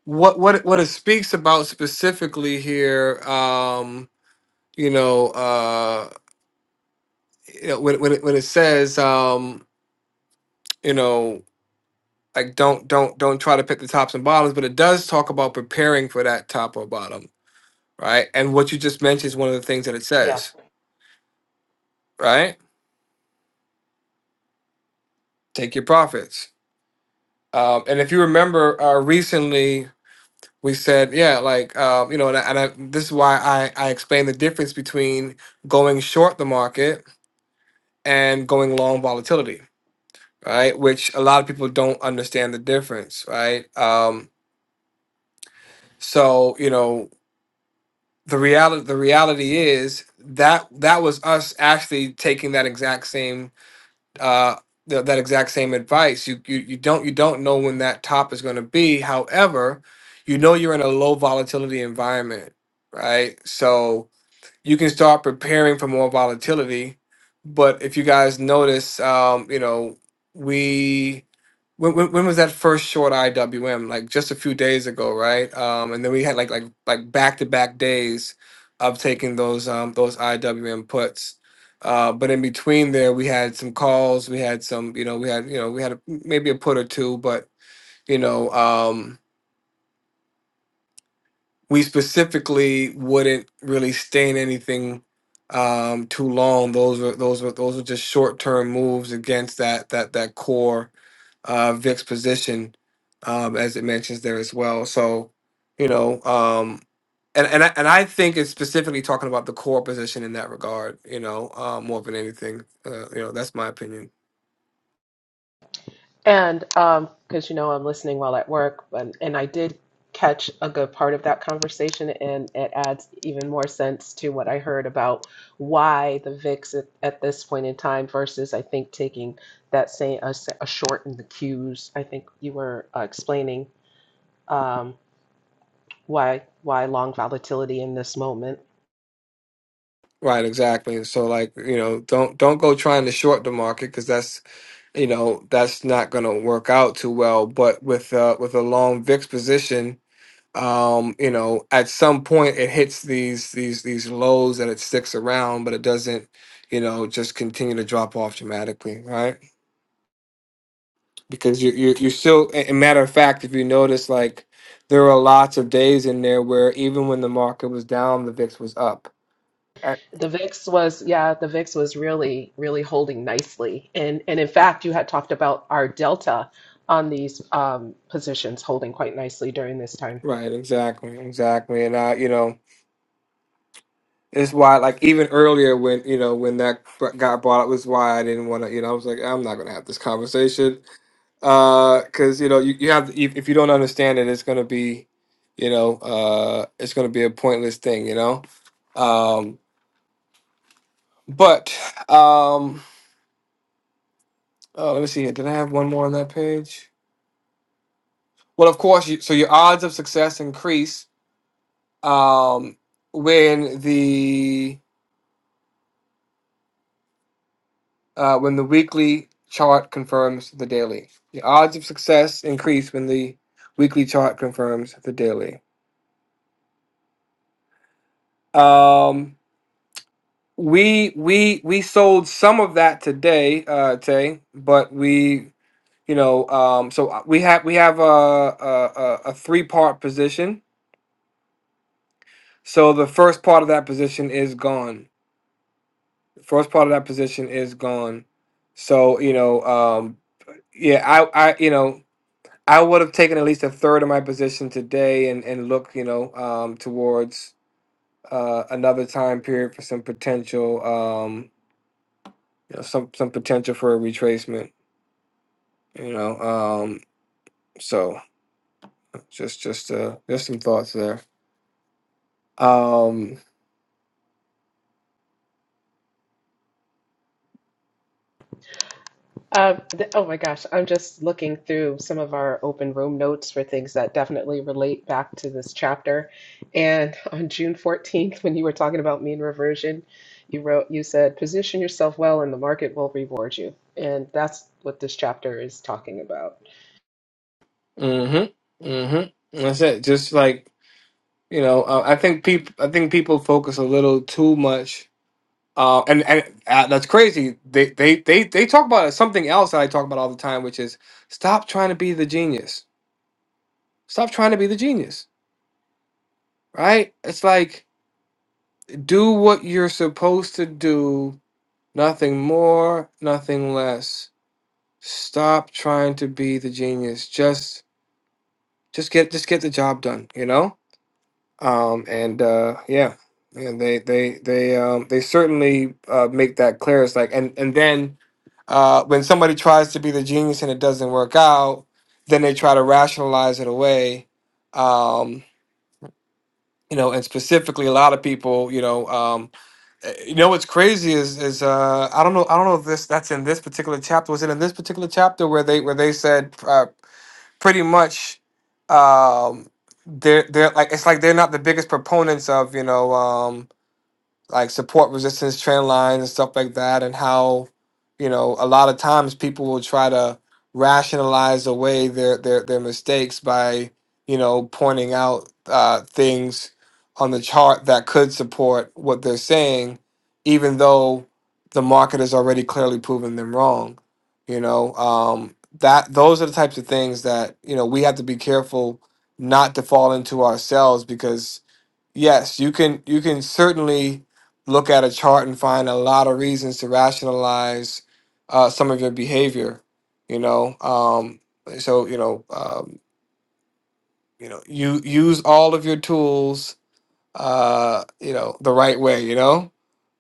Speaker 2: what what what it speaks about specifically here um you know uh you know, when when it, when it says um you know like don't don't don't try to pick the tops and bottoms but it does talk about preparing for that top or bottom right and what you just mentioned is one of the things that it
Speaker 4: Yeah.
Speaker 2: says right take your profits um and if you remember uh recently we said yeah like um you know and, I, and I, this is why i i explained the difference between going short the market and going long volatility, right? Which a lot of people don't understand the difference, right? Um, so you know the reality the reality is that that was us actually taking that exact same uh, th- that exact same advice. You, you you don't you don't know when that top is going to be. However, you know you're in a low volatility environment, right? So you can start preparing for more volatility. But if you guys notice, um, you know, we when, when, when was that first short IWM? Like just a few days ago, right? Um, and then we had like like like back to back days of taking those um, those IWM puts. Uh, but in between there, we had some calls. We had some, you know, we had you know we had a, maybe a put or two, but you know. Um, we specifically wouldn't really stay in anything um, too long. Those were those were those were just short term moves against that that that core uh, VIX position, um, as it mentions there as well. So, you know, um, and and I, and I think it's specifically talking about the core position in that regard. You know, uh, more than anything. Uh, you know, that's my opinion.
Speaker 4: And um, because you know I'm listening while at work, and, and I did catch a good part of that conversation, and it adds even more sense to what I heard about why the VIX at, at this point in time versus I think taking that same a, s- a short in the cues. I think you were uh, explaining um, why why long volatility in this moment.
Speaker 2: Right, exactly. so like, you know, don't don't go trying to short the market because that's you know, that's not going to work out too well, but with uh with a long VIX position, um, you know, at some point it hits these these these lows and it sticks around, but it doesn't, you know, just continue to drop off dramatically, right? Because you you you still a a matter of fact, if you notice like there were lots of days in there where even when the market was down, the VIX was up
Speaker 4: The VIX was, yeah, the VIX was really, really holding nicely. And and in fact, you had talked about our delta on these um, positions holding quite nicely during this time.
Speaker 2: Right, exactly, exactly, and I, you know, it's why, like, even earlier when you know when that br- got brought up was why I didn't want to, you know, I was like, I'm not gonna have this conversation, uh, because you know, you, you have if, if you don't understand it, it's gonna be, you know, uh, it's gonna be a pointless thing, you know, um, but um, oh, let me see here. Did I have one more on that page? Well, of course, you, so your odds of success increase um when the uh, when the weekly chart confirms the daily. The odds of success increase when the weekly chart confirms the daily. Um, we we we sold some of that today, uh, Tay, but we you know um, so we have we have a a, a a three part position. So the first part of that position is gone. The first part of that position is gone. So you know um, yeah I I you know I would have taken at least a third of my position today and, and look, you know, um, towards uh, another time period for some potential, um, you know, some some potential for a retracement. You know, um, so just just uh, just some thoughts there. Um,
Speaker 4: Uh, th- oh my gosh, I'm just looking through some of our open room notes for things that definitely relate back to this chapter. And on June 14th, when you were talking about mean reversion, you wrote, you said, position yourself well and the market will reward you. And that's what this chapter is talking about.
Speaker 2: mm-hmm, mm-hmm. That's it. Just like you know, uh, I think people I think people focus a little too much Uh, and and uh, that's crazy. They, they they they talk about something else that I talk about all the time, which is stop trying to be the genius. Stop trying to be the genius. Right? It's like do what you're supposed to do. Nothing more. Nothing less. Stop trying to be the genius. Just just get just get the job done. You know um, and uh, yeah, and they they they um, they certainly uh, make that clear. It's like and and then uh, when somebody tries to be the genius and it doesn't work out, then they try to rationalize it away. Um, you know, and specifically, a lot of people, you know, um, eh, you know, what's crazy is is uh, I don't know, I don't know if this that's in this particular chapter. Was it in this particular chapter where they where they said? uh, pretty much um, they're they're like it's like they're not the biggest proponents of you know. Um, like support resistance trend lines and stuff like that, and how you know a lot of times people will try to rationalize away their their their mistakes by you know pointing out uh, things on the chart that could support what they're saying, even though the market has already clearly proven them wrong. You know um, that those are the types of things that you know we have to be careful not to fall into ourselves because Yes, you can you can certainly look at a chart and find a lot of reasons to rationalize uh, some of your behavior, you know. Um, so you know, um, you know, you use all of your tools, uh, you know, the right way, you know.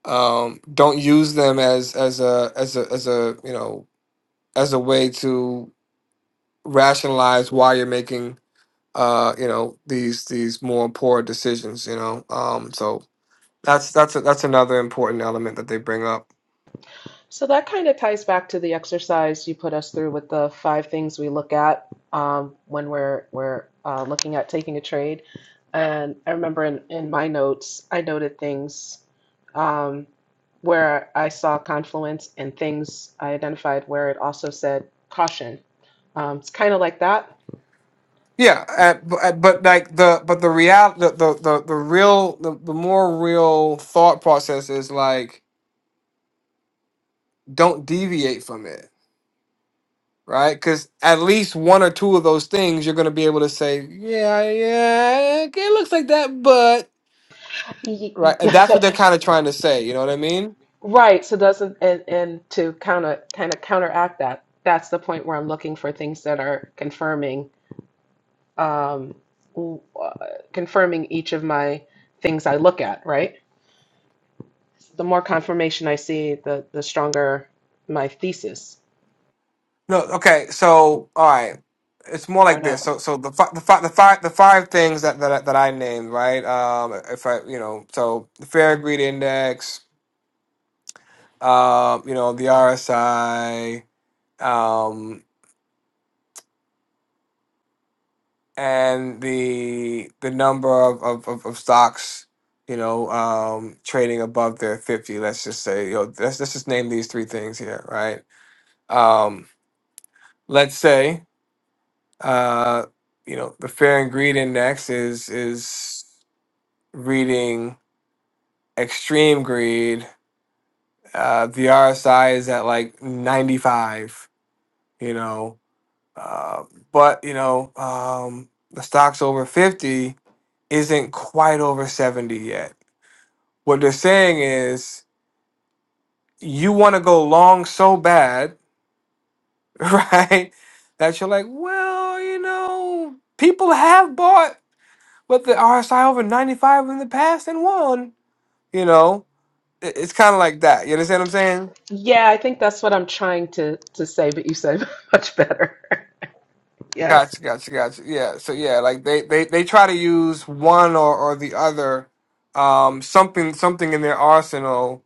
Speaker 2: Um, don't use them as as a as a as a you know as a way to rationalize why you're making uh you know these these more poor decisions you know um so That's that's that's another important element that they bring up.
Speaker 4: So that kind of ties back to the exercise you put us through with the five things we look at um, when we're we're uh, looking at taking a trade. And I remember in, in my notes, I noted things um, where I saw confluence and things I identified where it also said caution. Um, it's kind of like that.
Speaker 2: Yeah, uh, b- uh, but like the but the real the the the, the real the, the more real thought process is like don't deviate from it, right? Because at least one or two of those things you're gonna be able to say, yeah, yeah, okay, it looks like that, but right, and that's what they're kind of trying to say. You know what I mean?
Speaker 4: Right. So doesn't and, and to kind of kind of counteract that, that's the point where I'm looking for things that are confirming. um, w- uh, confirming each of my things I look at, right? The more confirmation I see, the the stronger my thesis.
Speaker 2: No, okay. So, all right. It's more like this. So, so the fi- the fi- the five the five things that that I- that I named, right? Um, if I, you know, so the fair greed index, um, you know, the RSI, um, and the the number of of, of, of stocks, you know, um, trading above their fifty. Let's just say, you know, let's let's just name these three things here, right? Um, let's say, uh you know the fair and greed index is is reading Extreme Greed. Uh, the RSI is at like 95, you know. Uh, but, you know, um, the stock's over 50, isn't quite over 70 yet. What they're saying is you want to go long so bad, right? That you're like, well, you know, people have bought with the RSI over 95 in the past and won, you know. It- It's kind of like that. You understand what I'm saying?
Speaker 4: Yeah, I think that's what I'm trying to to say, but you said much better. Yes.
Speaker 2: Gotcha, gotcha, gotcha. Yeah. So yeah, like they they they try to use one or or the other, um, something something in their arsenal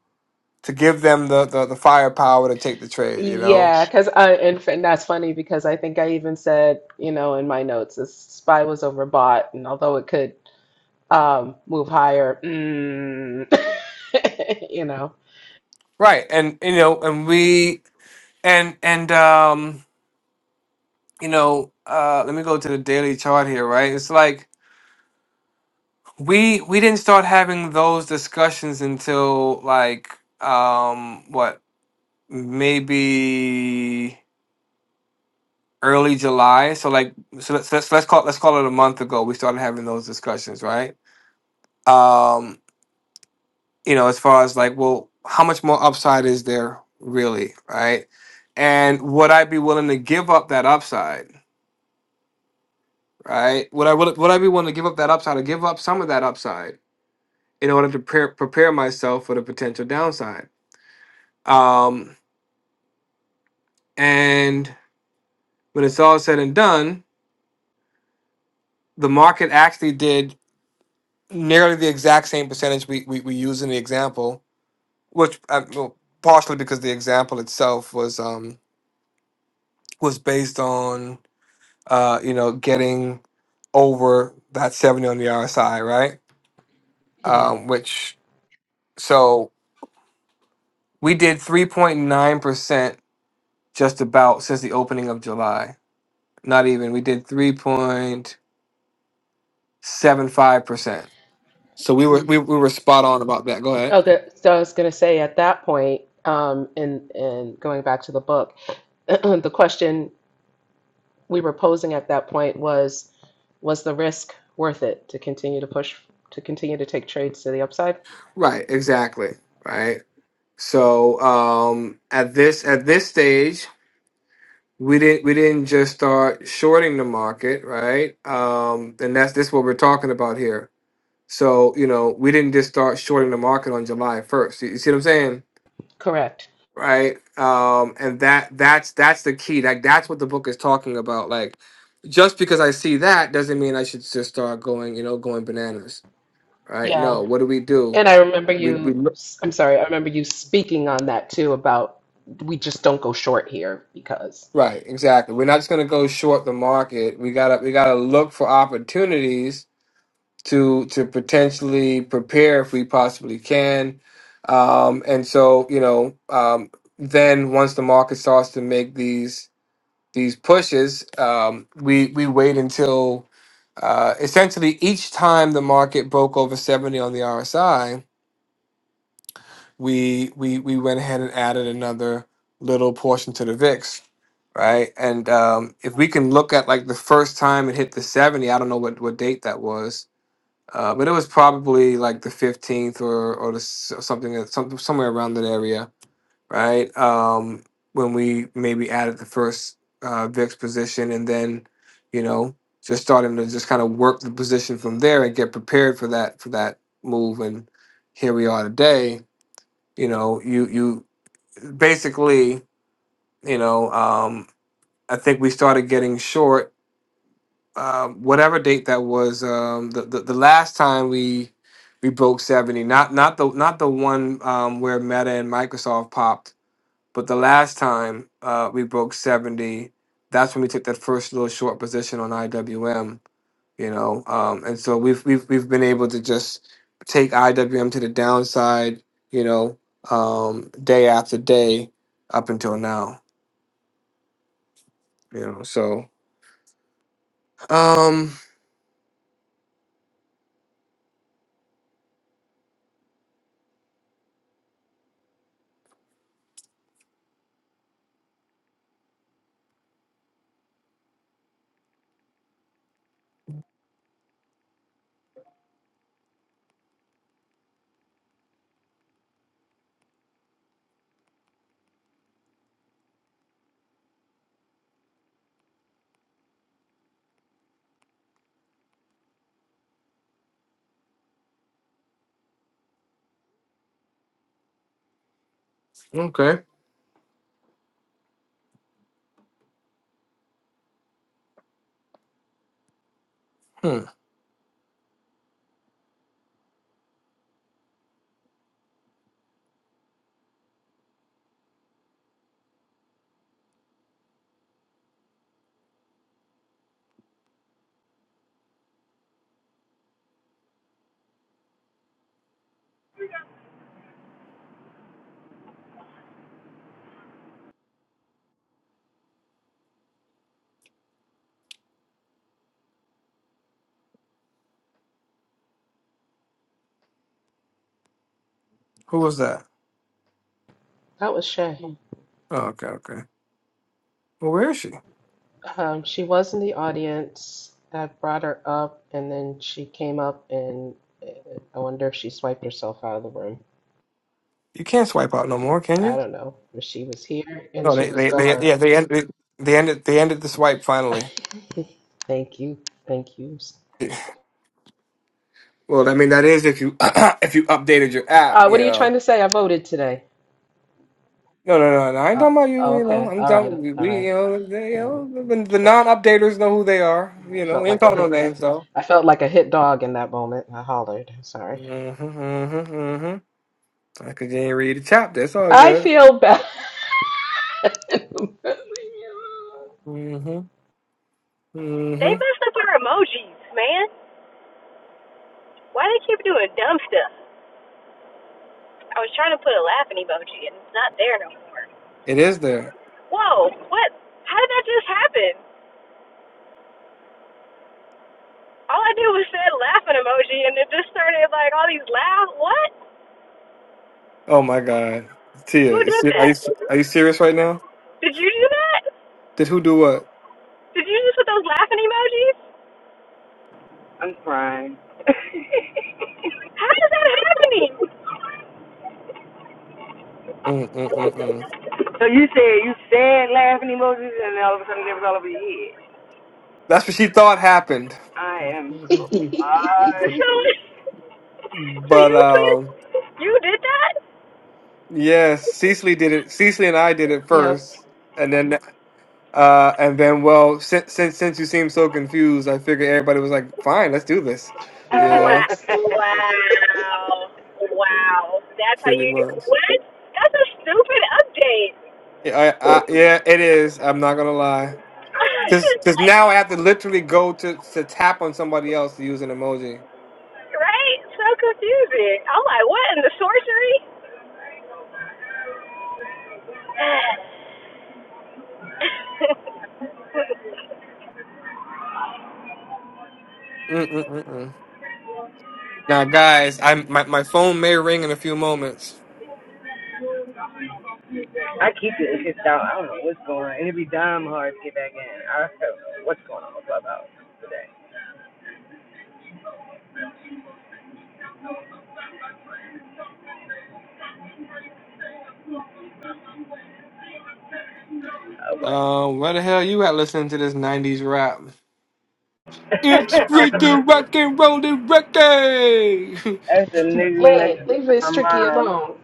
Speaker 2: to give them the the, the firepower to take the trade. You know.
Speaker 4: Yeah, because I and, f- and that's funny because I think I even said, you know, in my notes, this SPY was overbought, and although it could um, move higher, mm, you know,
Speaker 2: Right. And you know, and we and and um, you know, uh, let me go to the daily chart here. Right. It's like we we didn't start having those discussions until like um what maybe early July. So like so let's let's, let's call let's call it a month ago. We started having those discussions, right? Um, you know, as far as like, well, how much more upside is there really, right? And would I be willing to give up that upside, right? Would I will would I be willing to give up that upside or give up some of that upside in order to prepare prepare myself for the potential downside? Um, and when it's all said and done, the market actually did nearly the exact same percentage we, we, we use in the example which uh, well, partially because the example itself was um was based on uh you know getting over that 70 on the RSI, right?
Speaker 4: yeah.
Speaker 2: Um, which so we did 3.9% just about since the opening of July. Not even. We did 3.75%. So we were
Speaker 4: Mm.
Speaker 2: we, we were spot on about that. Go ahead.
Speaker 4: Oh, that, so I was going to say at that point, um, and and going back to the book, the question we were posing at that point was, was the risk worth it to continue to push, to continue to take trades to the upside?
Speaker 2: Right, exactly. Right. So um at this at this stage we didn't we didn't just start shorting the market, right? Um, and that's this what we're talking about here. So you know, we didn't just start shorting the market on July first. You, you see what I'm saying,
Speaker 4: Correct.
Speaker 2: right? Um, and that that's that's the key. Like that's what the book is talking about. Like just because I see that doesn't mean I should just start going, you know, going bananas, right?
Speaker 4: Yeah.
Speaker 2: No, what do we do?
Speaker 4: And I remember
Speaker 2: We we
Speaker 4: you,
Speaker 2: look-
Speaker 4: I'm sorry, I remember you speaking on that too about we just don't go short here because
Speaker 2: right exactly. We're not just gonna go short the market. We gotta we gotta look for opportunities to to potentially prepare if we possibly can. Um, and so, you know, um, then once the market starts to make these these pushes, um, we we wait until uh, essentially each time the market broke over seventy on the RSI, we we we went ahead and added another little portion to the VIX. Right, and um, if we can look at like the first time it hit the seventy, I don't know what what date that was, uh, but it was probably like the 15th or or the, s- something that some, somewhere around that area right um when we maybe added the first uh vix position and then you know just starting to just kind of work the position from there and get prepared for that for that move and here we are today you know you you basically you know um i think we started getting short um, whatever date that was um, the, the the last time we we broke seventy. Not not the not the one um, where Meta and Microsoft popped, but the last time uh, we broke seventy. That's when we took that first little short position on IWM. You know, um, and so we've we've we've been able to just take IWM to the downside. You know, um, day after day up until now. You know, so um, okay. Hmm. Who was that?
Speaker 4: that was Shay.
Speaker 2: Oh, okay, okay. Well, where is she?
Speaker 4: Um, she was in the audience. I brought her up and then she came up and uh, I wonder if she swiped herself out of the room.
Speaker 2: You can't swipe out no more, can
Speaker 4: I
Speaker 2: you?
Speaker 4: don't know. But she was here and
Speaker 2: No,
Speaker 4: she
Speaker 2: they,
Speaker 4: was
Speaker 2: they, they
Speaker 4: gone.
Speaker 2: yeah, they ended, they they ended, they ended the swipe finally.
Speaker 4: Thank you. Thank you.
Speaker 2: Well, I mean, that is if you, if you updated your app,
Speaker 4: Uh, what
Speaker 2: you
Speaker 4: are you trying
Speaker 2: know.
Speaker 4: to say? I voted today.
Speaker 2: No, no, no, no. I ain't
Speaker 4: Oh,
Speaker 2: talking about
Speaker 4: oh
Speaker 2: you. You know,
Speaker 4: okay.
Speaker 2: I'm
Speaker 4: All
Speaker 2: talking
Speaker 4: right.
Speaker 2: we,
Speaker 4: All
Speaker 2: we
Speaker 4: right.
Speaker 2: you know, they, you
Speaker 4: All
Speaker 2: know, the, the
Speaker 4: right.
Speaker 2: non-updaters know who they are.
Speaker 4: I
Speaker 2: You know,
Speaker 4: felt
Speaker 2: we ain't
Speaker 4: like a
Speaker 2: talking no
Speaker 4: hit.
Speaker 2: names though.
Speaker 4: I felt like a hit dog in that moment. I hollered. Sorry.
Speaker 2: Mm-hmm, mm-hmm, mm-hmm. I could you ain't read the chapter. It's all
Speaker 4: I
Speaker 2: good.
Speaker 4: feel bad.
Speaker 2: Mm-hmm,
Speaker 1: They
Speaker 2: mm-hmm.
Speaker 1: messed up our emojis, man. Why do they keep doing dumb stuff? I was trying to put a laughing emoji and it's not there no more.
Speaker 2: It is there.
Speaker 1: whoa, what? How did that just happen? All I did was said laughing emoji, and it just started like all these laugh. What?
Speaker 2: Oh my God,
Speaker 1: Who
Speaker 2: Tia, is
Speaker 1: did
Speaker 2: she- are
Speaker 1: that?
Speaker 2: you are you serious right now?
Speaker 1: Did you do that?
Speaker 2: Did who do what?
Speaker 1: Did you just put those laughing emojis?
Speaker 3: I'm crying. so
Speaker 1: How is that happening?
Speaker 2: Mm-mm-mm-mm.
Speaker 3: you said you said laughing emojis, and then all of a sudden they was all over your head.
Speaker 2: That's what she thought happened.
Speaker 3: I am
Speaker 1: So,
Speaker 3: crying.
Speaker 1: so
Speaker 2: but
Speaker 1: you put,
Speaker 2: um,
Speaker 1: you did that?
Speaker 2: yes, Cecily did it. Cecily and I did it
Speaker 4: yep.
Speaker 2: first, and then uh, and then well, since since since you seemed so confused, I figured everybody was like, "Fine, let's do this," you know,
Speaker 1: Wow,
Speaker 4: Facts.
Speaker 1: wow, wow. That's how
Speaker 2: pretty
Speaker 1: you do.
Speaker 2: much.
Speaker 1: What? That's a stupid update.
Speaker 2: Yeah, I, I, yeah, it is. I'm not gonna lie, because because
Speaker 1: like,
Speaker 2: now I have to literally go to to tap on somebody else to use an emoji.
Speaker 1: right? So confusing. I'm like, what in the sorcery?
Speaker 2: Mm-mm-mm-mm. Now, guys, I my my phone may ring in a few moments.
Speaker 3: I keep getting just out. I don't know what's going on. It'd be damn hard to get back in. I don't know what's going on with Clubhouse today. Oh, what?
Speaker 2: Um, where the hell you at listening to this '90s rap? It's free to rock and roll and reggae.
Speaker 3: That's the nigga next
Speaker 4: Lynn, leave
Speaker 3: to
Speaker 4: this
Speaker 3: my
Speaker 4: tricky
Speaker 3: mom.
Speaker 4: alone.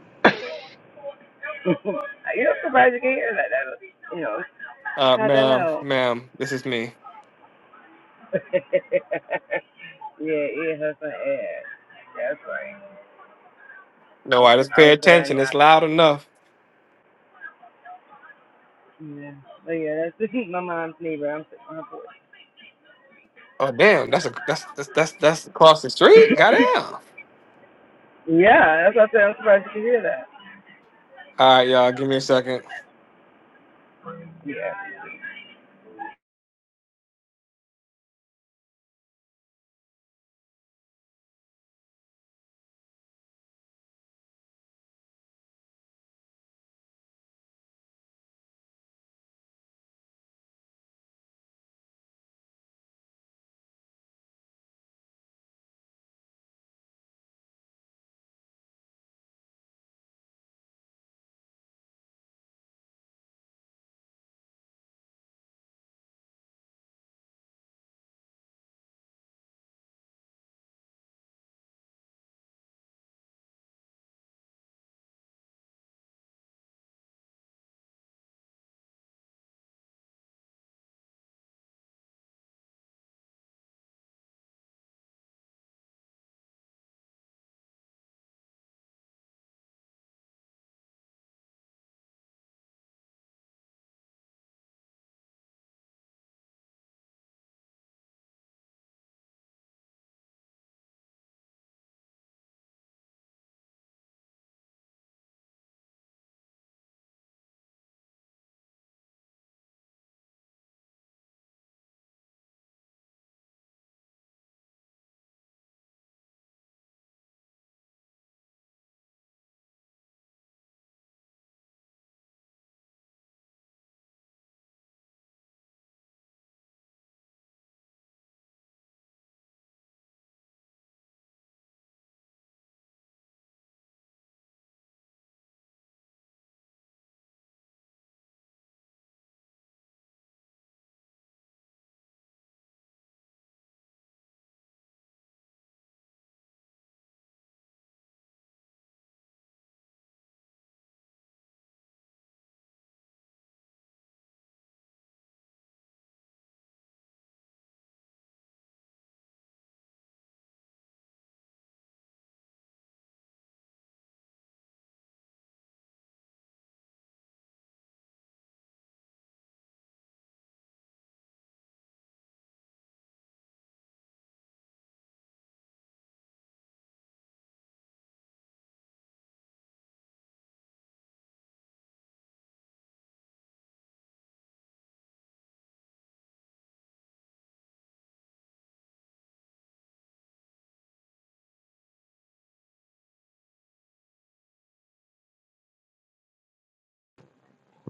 Speaker 3: You're surprised you can hear that. that was, you know, it's
Speaker 2: uh,
Speaker 3: not that
Speaker 2: ma'am,
Speaker 3: loud.
Speaker 2: ma'am, this is me.
Speaker 3: yeah, eat her some ass. That's right.
Speaker 2: No, I just pay
Speaker 3: How could I
Speaker 2: attention. It's
Speaker 3: not?
Speaker 2: loud enough.
Speaker 3: Yeah. But yeah, that's my mom's neighbor. I'm sitting on her porch.
Speaker 2: Oh, damn, that's a that's that's that's that's across the street. Goddamn.
Speaker 3: yeah, that's what I said. I'm surprised you could hear that.
Speaker 2: All right, y'all, give me a second.
Speaker 3: Yeah.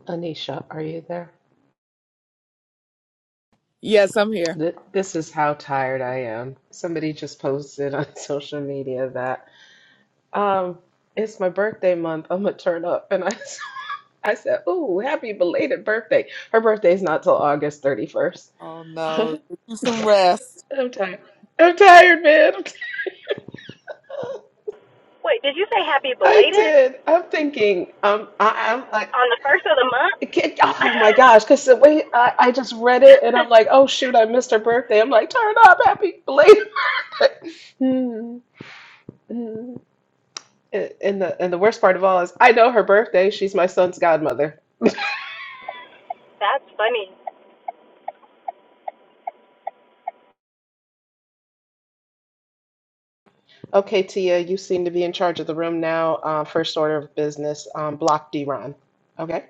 Speaker 4: Anisha, are you there?
Speaker 5: Yes, I'm here.
Speaker 4: Th- This is how tired I am. Somebody just posted on social media that um, it's my birthday month. I'm gonna turn up, and I I said, "Ooh, happy belated birthday!" Her birthday's not till August 31st.
Speaker 5: Oh no, get you some rest.
Speaker 4: I'm tired. I'm tired, man. I'm t-
Speaker 1: Wait, did you say happy
Speaker 4: I
Speaker 1: belated
Speaker 4: did. I'm thinking. Um, I, I'm like,
Speaker 1: on the first of the month?
Speaker 4: it can't- oh my gosh, because the way I, I just read it, and I'm like, oh shoot, I missed her birthday. I'm like, turn up, happy belated. Hmm, hmm. And and the and the worst part of all is, I know her birthday. She's my son's godmother.
Speaker 1: That's funny.
Speaker 4: Okay, Tia, you seem to be in charge of the room now. Uh, first order of business, um, block D Ron. Okay,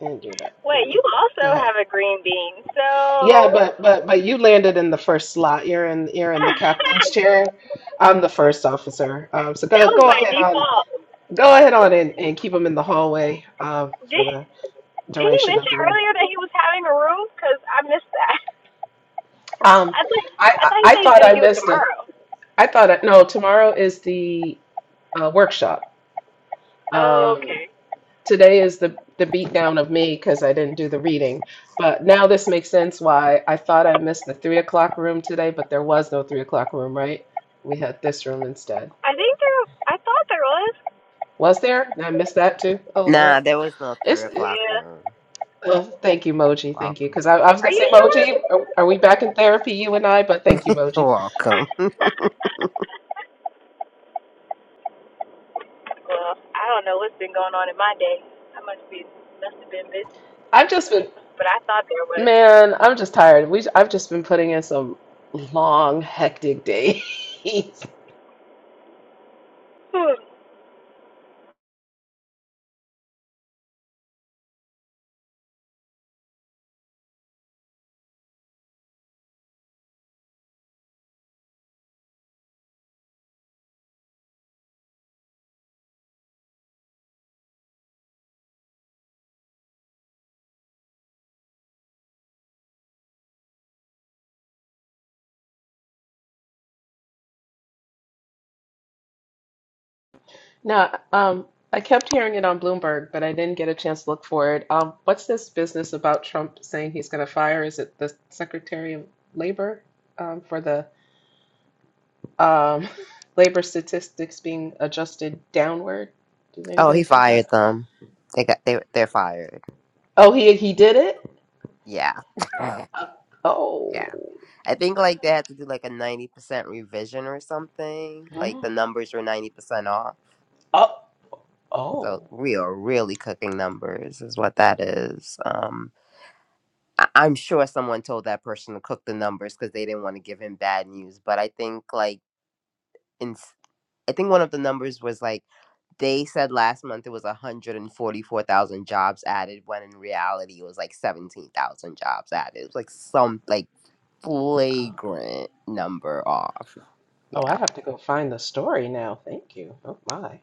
Speaker 4: and do that for
Speaker 1: Wait, you
Speaker 4: me.
Speaker 1: also
Speaker 4: Go ahead.
Speaker 1: have a green bean,
Speaker 4: Yeah,
Speaker 1: so
Speaker 4: but but but you landed in the first slot. You're in you're in the captain's chair. I'm the first officer. Um, so
Speaker 1: that
Speaker 4: go
Speaker 1: was
Speaker 4: go
Speaker 1: by
Speaker 4: ahead on
Speaker 1: default.
Speaker 4: go ahead on and, and keep them in the hallway um, for
Speaker 1: Did
Speaker 4: the
Speaker 1: Did he
Speaker 4: duration of
Speaker 1: mention
Speaker 4: the room.
Speaker 1: earlier that he was having a room? Cause I missed that.
Speaker 4: Um,
Speaker 1: I thought
Speaker 4: I,
Speaker 1: I
Speaker 4: I
Speaker 1: thought he
Speaker 4: I
Speaker 1: said he was
Speaker 4: thought I
Speaker 1: gonna do it
Speaker 4: missed a
Speaker 1: tomorrow.
Speaker 4: I thought I, no tomorrow is the uh, workshop.
Speaker 1: Oh,
Speaker 4: Um,
Speaker 1: okay.
Speaker 4: today is the the beatdown of me because I didn't do the reading. But now this makes sense why I thought I missed the three o'clock room today, but there was no three o'clock room, right? We had this room instead.
Speaker 1: I think there. I thought there was.
Speaker 4: Was there? Did I missed that too. Oh
Speaker 6: Nah,
Speaker 4: Lord,
Speaker 6: there was no three
Speaker 4: it's it,
Speaker 6: o'clock
Speaker 1: Yeah.
Speaker 6: room.
Speaker 4: well. Thank you, Moji. Thank you, because
Speaker 6: Welcome.
Speaker 4: I, I was
Speaker 1: Are
Speaker 4: gonna
Speaker 1: you
Speaker 4: say,
Speaker 1: sure?
Speaker 4: Moji, are, are we back in therapy, you and I? But thank you, Moji.
Speaker 6: welcome.
Speaker 1: well, I don't know what's been going on in my day. I must be must have been busy.
Speaker 4: I've just been,
Speaker 1: but I thought there was.
Speaker 4: man, I'm just tired. We, I've just been putting in some long, hectic days.
Speaker 1: Ooh,
Speaker 4: Now, um, I kept hearing it on Bloomberg, but I didn't get a chance to look for it. Um, what's this business about Trump saying he's gonna fire? Is it the Secretary of Labor, um, for the? Um, labor statistics being adjusted downward. Does
Speaker 6: oh,
Speaker 4: anybody
Speaker 6: he
Speaker 4: see
Speaker 6: fired
Speaker 4: that?
Speaker 6: them. They got they they're fired.
Speaker 4: Oh, he he did it.
Speaker 6: Yeah.
Speaker 4: Uh,
Speaker 6: yeah.
Speaker 4: oh,
Speaker 6: I think like they had to do like a ninety percent revision or something. Like
Speaker 4: Hmm.
Speaker 6: the numbers were ninety percent off.
Speaker 4: oh,
Speaker 6: So
Speaker 4: oh,
Speaker 6: we are really cooking numbers is what that is. Um. I- I'm sure someone told that person to cook the numbers because they didn't want to give him bad news. But I think like in s- I think one of the numbers was like they said last month it was 144,000 jobs added when in reality it was like 17,000 jobs added. It was like some like
Speaker 4: Uh,
Speaker 6: flagrant number off.
Speaker 4: oh! I
Speaker 6: Yeah.
Speaker 4: have to go find the story now. Thank you. Oh my.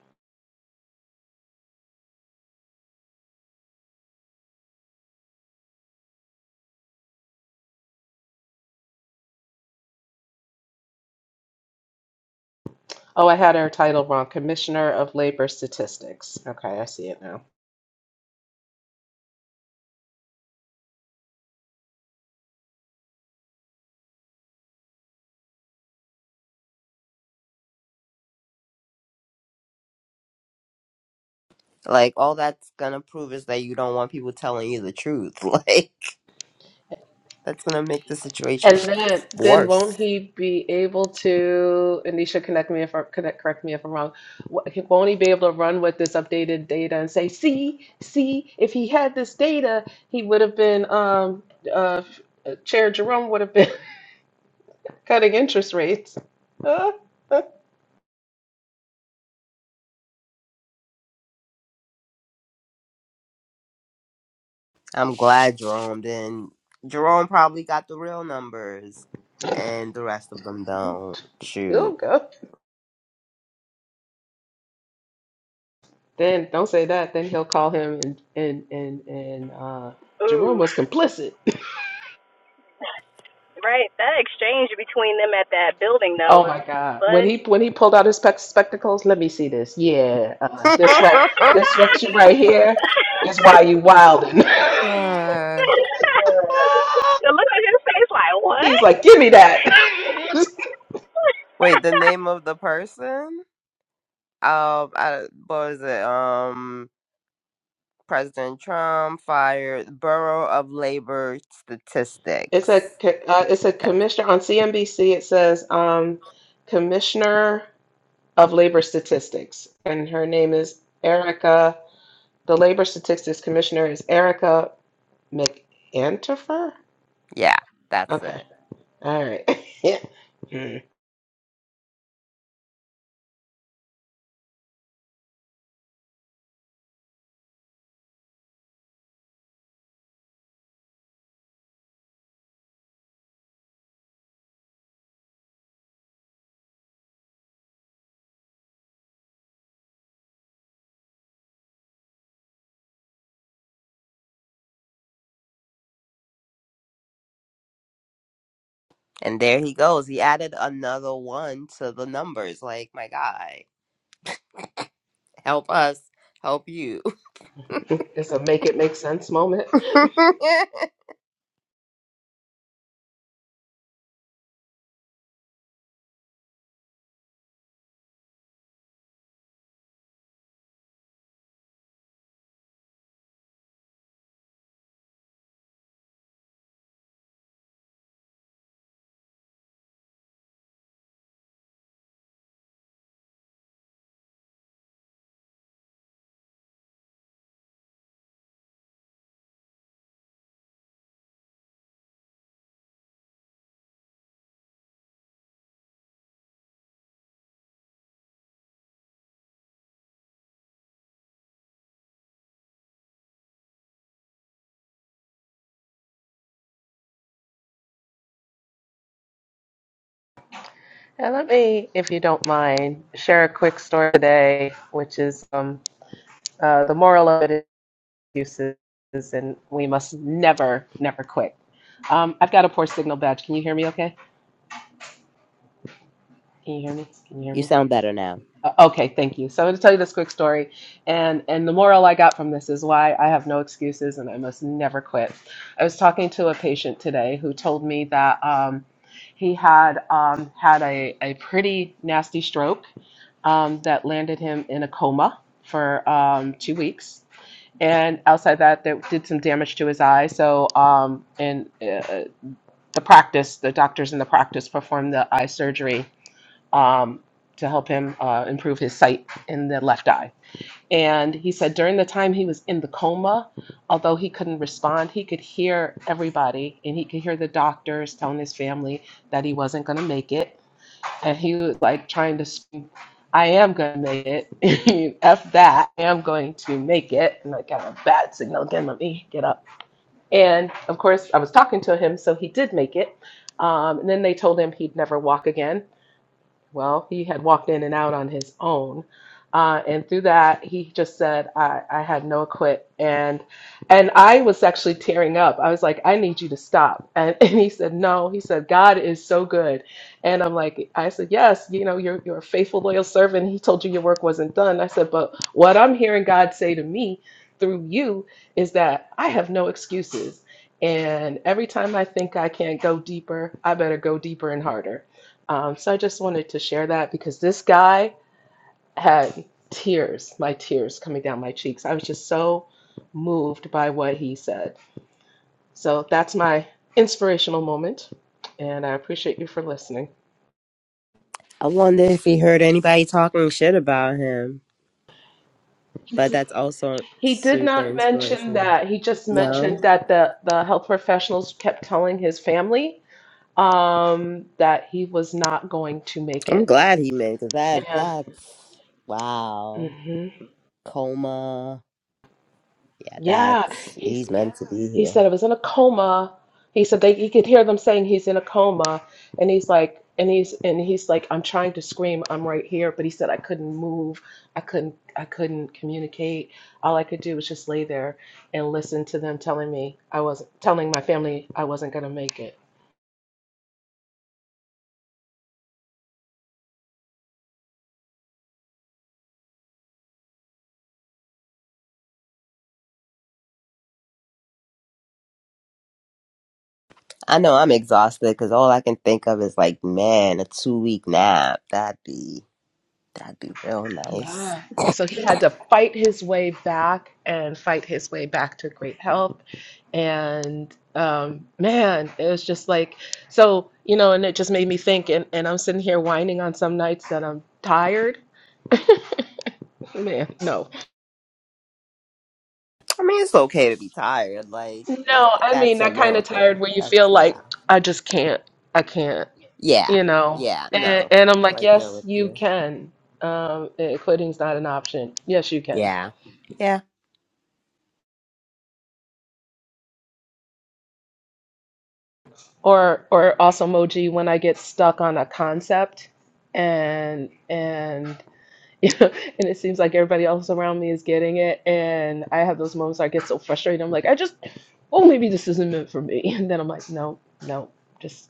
Speaker 4: Oh, I had her title wrong. Commissioner of Labor Statistics. Okay, I see it now.
Speaker 6: Like all that's going to prove is that you don't want people telling you the truth. Like that's going to make the situation
Speaker 4: And then, then
Speaker 6: worse.
Speaker 4: won't he be able to, and Nisha, connect me if I, connect, correct me if I'm wrong, wh- he- won't he be able to run with this updated data and say, see, see, if he had this data, he would have been, um, uh, Chair Jerome would have been cutting interest rates. Uh, uh,
Speaker 6: I'm glad Jerome didn't. Jerome probably got the real numbers, and the rest of them don't.
Speaker 4: he'll
Speaker 6: Shoot.
Speaker 4: go. Then don't say that. Then he'll call him and, and, and, and, uh, Jerome
Speaker 1: ooh,
Speaker 4: was complicit.
Speaker 1: right. That exchange between them at that building though
Speaker 4: Oh
Speaker 1: was
Speaker 4: my God! When he
Speaker 1: funny.
Speaker 4: when he pulled out his spec spectacles, let me see this. Yeah, uh, this right, this right, right here is why you wildin'.
Speaker 6: Fuck.
Speaker 1: the look on his face, like
Speaker 4: He's
Speaker 1: what?
Speaker 4: like, give me that.
Speaker 6: Wait, the name of the person? Um, I, what was it? Um, President Trump fired Bureau of Labor
Speaker 4: It's a
Speaker 6: Statistics.
Speaker 4: co- uh, it's a
Speaker 6: That
Speaker 4: commissioner on CNBC. It says um, Commissioner of Labor Statistics, and her name is Erica. The Labor Statistics Commissioner is Erica McAntifer.
Speaker 6: yeah, that's
Speaker 4: Okay,
Speaker 6: it.
Speaker 4: all right. Hmm.
Speaker 6: And there he goes. He added another one to the numbers. Like my guy, help us, help you.
Speaker 4: It's a make it make sense moment. And let me, if you don't mind, share a quick story today, which is um, uh, the moral of it is excuses, and we must never, never quit. Um, I've got a poor signal badge. Can you hear me okay? Can you hear me? Can you hear
Speaker 6: you
Speaker 4: me?
Speaker 6: sound better now.
Speaker 4: Uh, Okay, thank you. So I'm going to tell you this quick story, and and the moral I got from this is why I have no excuses and I must never quit. I was talking to a patient today who told me that um, he had um, had a a pretty nasty stroke um, that landed him in a coma for um, two weeks, and outside that, that did some damage to his eye. So um, and uh, the practice, the doctors in the practice performed the eye surgery um, to help him uh, improve his sight in the left eye. And he said during the time he was in the coma, although he couldn't respond, he could hear everybody and he could hear the doctors telling his family that he wasn't going to make it. And he was like trying to scream, I am going to make it. F that. I am going to make it. And I got a bad signal again. Let me get up. And of course, I was talking to him, so he did make it. Um, and then they told him he'd never walk again well, he had walked in and out on his own. Uh, and through that, he just said, I, I had no quit. And, and I was actually tearing up. I was like, I need you to stop. And, and he said, no, he said, God is so good. And I'm like, I said, yes, you know, you're, you're a faithful, loyal servant. He told you your work wasn't done. I said, but what I'm hearing God say to me through you is that I have no excuses. And every time I think I can't go deeper, I better go deeper and harder. Um, so I just wanted to share that because this guy had tears, my tears coming down my cheeks. I was just so moved by what he said. So that's my inspirational moment, and I appreciate you for listening.
Speaker 6: I wonder if he heard anybody talking shit about him. But that's also
Speaker 4: He did
Speaker 6: super
Speaker 4: not mention
Speaker 6: inspirational.
Speaker 4: that. He just
Speaker 6: No,
Speaker 4: mentioned that the, the health professionals kept telling his family um, that he was not going to make
Speaker 6: I'm
Speaker 4: it.
Speaker 6: glad he made it. That
Speaker 4: And,
Speaker 6: that's wow.
Speaker 4: hmm
Speaker 6: Coma. Yeah,
Speaker 4: yeah,
Speaker 6: that's
Speaker 4: he's,
Speaker 6: he's meant to be
Speaker 4: He said
Speaker 6: here.
Speaker 4: I was in a coma. He said they, he could hear them saying he's in a coma, and he's like, and he's and he's like, I'm trying to scream, I'm right here, but he said I couldn't move, I couldn't, I couldn't communicate. All I could do was just lay there and listen to them telling me I wasn't, telling my family I wasn't gonna make it.
Speaker 6: I know I'm exhausted because all I can think of is like, man, a two week nap. That'd be that'd be real nice.
Speaker 4: Yeah. So he had to fight his way back and fight his way back to great health. And um, man, it was just like, so, you know, and it just made me think. And, and I'm sitting here whining on some nights that I'm tired. Man, no.
Speaker 6: I mean, it's okay to be tired. Like, you know,
Speaker 4: No,
Speaker 6: th-
Speaker 4: I mean,
Speaker 6: that's a
Speaker 4: that kind of tired
Speaker 6: miracle.
Speaker 4: where you
Speaker 6: That's
Speaker 4: feel like,
Speaker 6: yeah,
Speaker 4: I just can't. I can't,
Speaker 6: yeah,
Speaker 4: you know.
Speaker 6: yeah.
Speaker 4: And,
Speaker 6: No,
Speaker 4: and I'm like,
Speaker 6: right there
Speaker 4: yes,
Speaker 6: with
Speaker 4: you
Speaker 6: you.
Speaker 4: can. Um, eh, quitting's not an option. Yes, you can.
Speaker 6: Yeah. Yeah.
Speaker 4: or or also emoji when I get stuck on a concept and and you know, and it seems like everybody else around me is getting it and I have those moments where I get so frustrated I'm like I just oh maybe this isn't meant for me and then I'm like no no just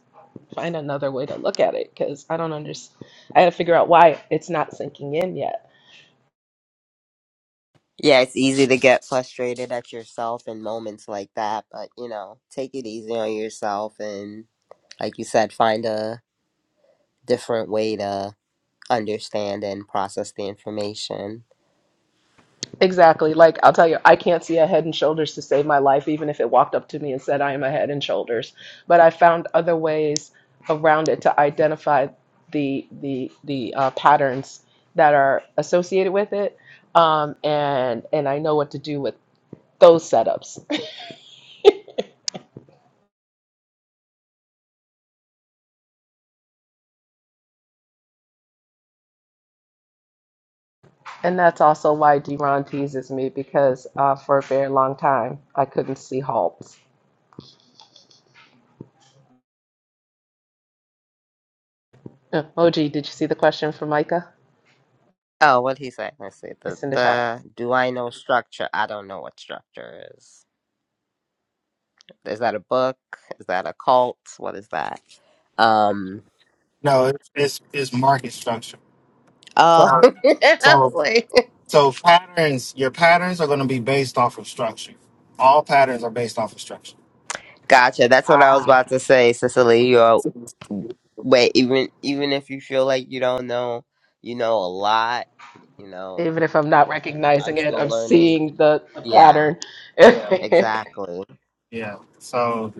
Speaker 4: find another way to look at it because I don't understand I had to figure out why it's not sinking in yet
Speaker 6: Yeah, it's easy to get frustrated at yourself in moments like that, but you know, take it easy on yourself and like you said, find a different way to understand and process the information.
Speaker 4: Exactly. Like, I'll tell you, I can't see a head and shoulders to save my life, even if it walked up to me and said, I am a head and shoulders. But I found other ways around it to identify the, the, the uh, patterns that are associated with it. Um, and, and I know what to do with those setups. And that's also why Deron teases me because uh, for a very long time, I couldn't see halt. Oh, OG, did you see the question from Micah?
Speaker 6: Oh, what he say? Let's see. The
Speaker 4: It's in the chat.
Speaker 6: the do I know structure? I don't know what structure is. Is that a book? Is that a cult? What is that? Um
Speaker 10: No, it's it's, it's market structure.
Speaker 6: oh
Speaker 10: So,
Speaker 6: I was
Speaker 10: so
Speaker 6: like
Speaker 10: so patterns. Your patterns are going to be based off of structure. All patterns are based off of structure.
Speaker 6: Gotcha. That's what I was about to say, Cicely. You're wait, even even if you feel like you don't know, you know a lot, you know,
Speaker 4: Even if I'm not
Speaker 6: I'm
Speaker 4: recognizing it,
Speaker 6: still
Speaker 4: I'm
Speaker 6: learning.
Speaker 4: seeing the, the
Speaker 6: Yeah,
Speaker 4: pattern.
Speaker 10: Yeah,
Speaker 6: exactly.
Speaker 10: yeah. So,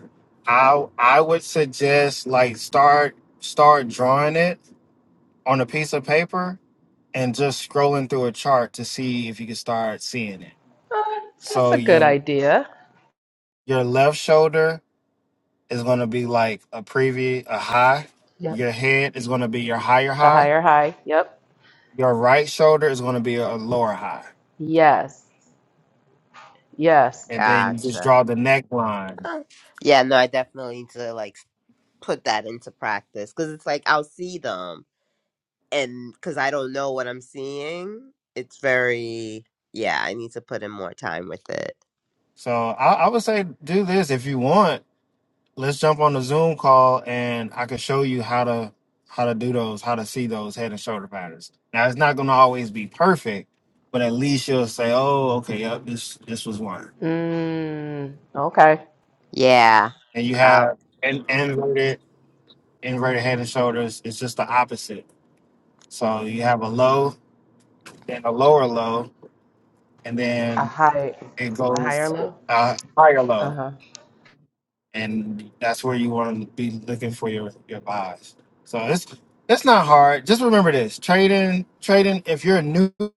Speaker 10: I I would suggest like start start drawing it on a piece of paper and just scrolling through a chart to see if you can start seeing it.
Speaker 4: Oh, That's
Speaker 10: So
Speaker 4: a good
Speaker 10: your
Speaker 4: idea.
Speaker 10: your left shoulder is going to be like a preview, a high.
Speaker 4: Yep.
Speaker 10: Your head is going to be your higher
Speaker 4: The
Speaker 10: high
Speaker 4: higher high. Yep.
Speaker 10: Your right shoulder is going to be a lower high,
Speaker 4: Yes. Yes.
Speaker 10: and then you just
Speaker 6: Gotcha.
Speaker 10: draw the neckline.
Speaker 6: Huh. Yeah, no, I definitely need to like put that into practice because it's like I'll see them and because I don't know what I'm seeing, it's very yeah. I need to put in more time with it.
Speaker 10: So I, I would say do this if you want. Let's jump on the Zoom call, and I can show you how to how to do those, how to see those head and shoulder patterns. Now it's not going to always be perfect, but at least you'll say, "Oh, okay, yep, this this was one."
Speaker 4: Mm, okay.
Speaker 6: Yeah.
Speaker 10: And you
Speaker 6: I'll,
Speaker 10: have an inverted inverted head and shoulders. It's just the opposite. So you have a low, then a lower low, and
Speaker 4: A
Speaker 10: then
Speaker 4: high,
Speaker 10: it
Speaker 4: a higher
Speaker 10: goes
Speaker 4: low.
Speaker 10: uh, higher low,
Speaker 4: Uh-huh.
Speaker 10: and that's where you want to be looking for your your buys. So it's it's not hard. Just remember this: trading, trading. If you're new, no,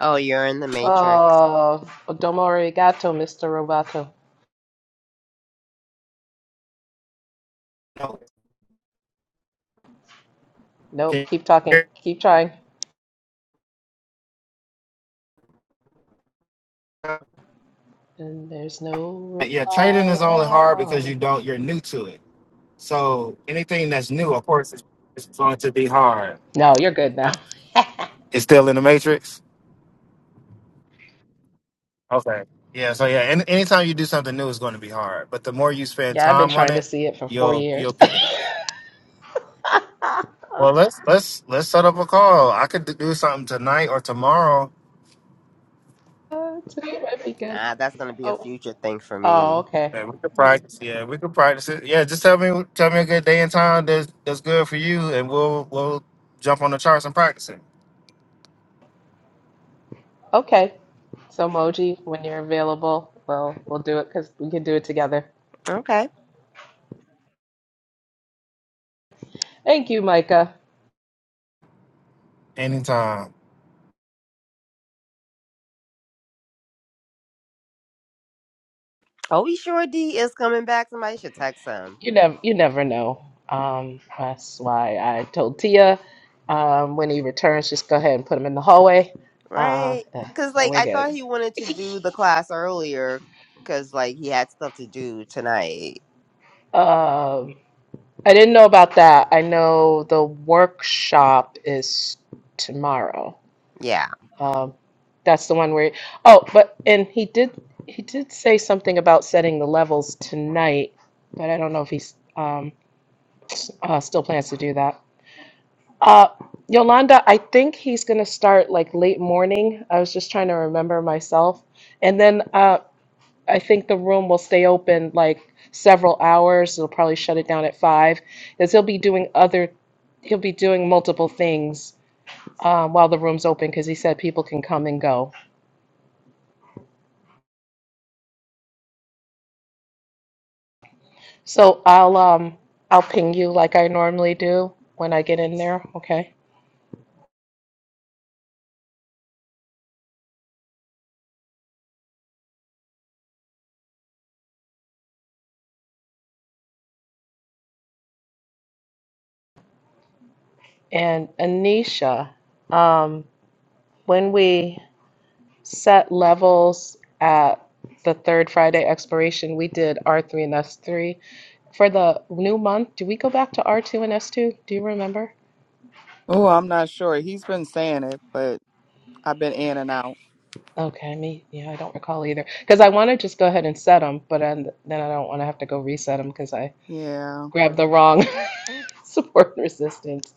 Speaker 6: oh, you're in the matrix.
Speaker 4: Oh, domo arigato, Mr. Roboto. Nope,
Speaker 10: okay,
Speaker 4: keep talking. Keep trying.
Speaker 10: yeah,
Speaker 4: And there's no
Speaker 10: trading
Speaker 4: reply
Speaker 10: is only
Speaker 4: at
Speaker 10: hard because you
Speaker 4: all.
Speaker 10: don't you're new to it. So anything that's new, of course, it's it's going to be hard.
Speaker 4: No, you're good now.
Speaker 10: It's still in the matrix. Okay. Yeah. So yeah, and anytime you do something new, it's going to be hard. But the more you spend
Speaker 4: Yeah, I've been
Speaker 10: time on
Speaker 4: trying to
Speaker 10: it,
Speaker 4: see it for four
Speaker 10: you'll
Speaker 4: years.
Speaker 10: you'll pick
Speaker 4: Today
Speaker 10: it up. Well, let's let's let's set up a call. I could do something tonight or tomorrow,
Speaker 4: might be good.
Speaker 6: Nah, that's gonna be a
Speaker 4: Oh,
Speaker 6: future thing for
Speaker 4: oh,
Speaker 6: me.
Speaker 4: okay,
Speaker 10: and we could practice. Yeah, we could practice it. Yeah, just tell me tell me a good day and time that's that's good for you, and we'll we'll jump on the charts and practice it
Speaker 4: okay. So Moji, when you're available, we'll we'll do it because we can do it together.
Speaker 6: Okay.
Speaker 4: Thank you, Micah.
Speaker 10: anytime.
Speaker 6: Oh, he sure D is coming back. Somebody should text him,
Speaker 4: You never you never know. Um, that's why I told Tia. Um, when he returns, just go ahead and put him in the hallway. Uh,
Speaker 6: right?
Speaker 4: yeah,
Speaker 6: Cause
Speaker 4: and
Speaker 6: like
Speaker 4: we're
Speaker 6: I
Speaker 4: good.
Speaker 6: thought he wanted to do the class earlier, cause like he had stuff to do tonight.
Speaker 4: Um, I didn't know about that. I know the workshop is tomorrow.
Speaker 6: Yeah,
Speaker 4: Um, that's the one where, oh, but, and he did, he did say something about setting the levels tonight, but I don't know if he's um, uh, still plans to do that. Uh, Yolanda, I think he's going to start like late morning. I was just trying to remember myself. And then uh, I think the room will stay open like several hours. They'll probably shut it down at five, because he'll be doing other, he'll be doing multiple things um, while the room's open because he said people can come and go. So I'll um I'll ping you like I normally do when I get in there, okay? And Anisha, um, when we set levels at the third Friday expiration, we did R3 and S3. For the new month, do we go back to R2 and S2? Do you remember?
Speaker 5: Oh, I'm not sure. He's been saying it, but I've been in and out.
Speaker 4: Okay, me, yeah, I don't recall either. Because I want to just go ahead and set them, but then, then I don't want to have to go reset them because I
Speaker 5: Yeah.
Speaker 4: grabbed the wrong support and resistance.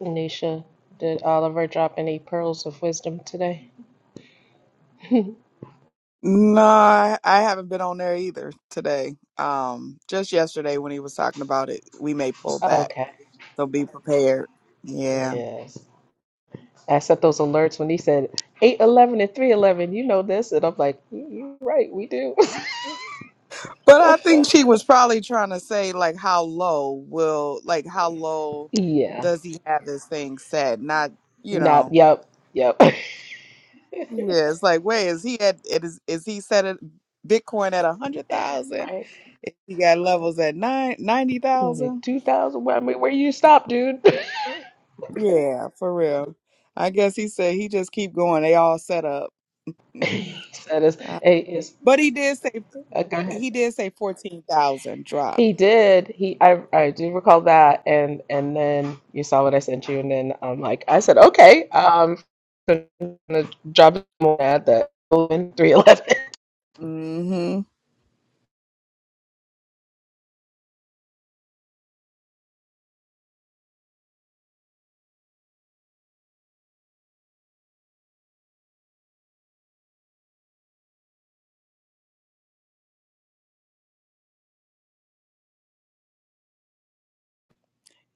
Speaker 4: Nisha, did Oliver drop any pearls of wisdom today?
Speaker 5: No, I I haven't been on there either today. Um, just yesterday when he was talking about it, we may pull back.
Speaker 4: okay.
Speaker 5: So be prepared. Yeah.
Speaker 4: Yes. I set those alerts when he said 811 and 311, you know this. And I'm like, "Mm, "You- you're right, we do.
Speaker 5: But I think she was probably trying to say like how low will like how low
Speaker 4: yeah.
Speaker 5: does he have this thing set? Not, you
Speaker 4: Not,
Speaker 5: know.
Speaker 4: yep, yep.
Speaker 5: Yeah, it's like, wait, is he at it is is he set at Bitcoin at a hundred thousand?
Speaker 4: right.
Speaker 5: He got levels at nine ninety thousand?
Speaker 4: 2000, where, I mean, where you stop, dude?
Speaker 5: Yeah, for real. I guess he said he just keep going. They all set up.
Speaker 4: he said, it's,
Speaker 5: Uh,
Speaker 4: hey, it's,
Speaker 5: but he did say
Speaker 4: okay.
Speaker 5: he did say fourteen thousand drop.
Speaker 4: He did. He I I do recall that and and then you saw what I sent you and then um like I said, okay, um gonna drop more at that in three eleven.
Speaker 5: Mm-hmm.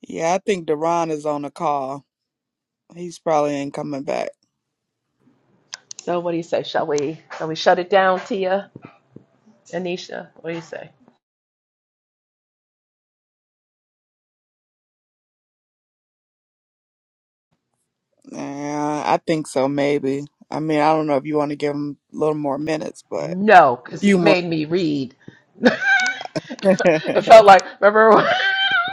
Speaker 5: Yeah, I think Deron is on the call. He's probably ain't coming back.
Speaker 4: So what do you say? Shall we shall we shut it down, Tia? Anisha, what do you say?
Speaker 5: Yeah, I think so. Maybe. I mean, I don't know if you want to give him a little more minutes, but
Speaker 4: No, because he
Speaker 5: few more.
Speaker 4: made me read. it felt it felt like remember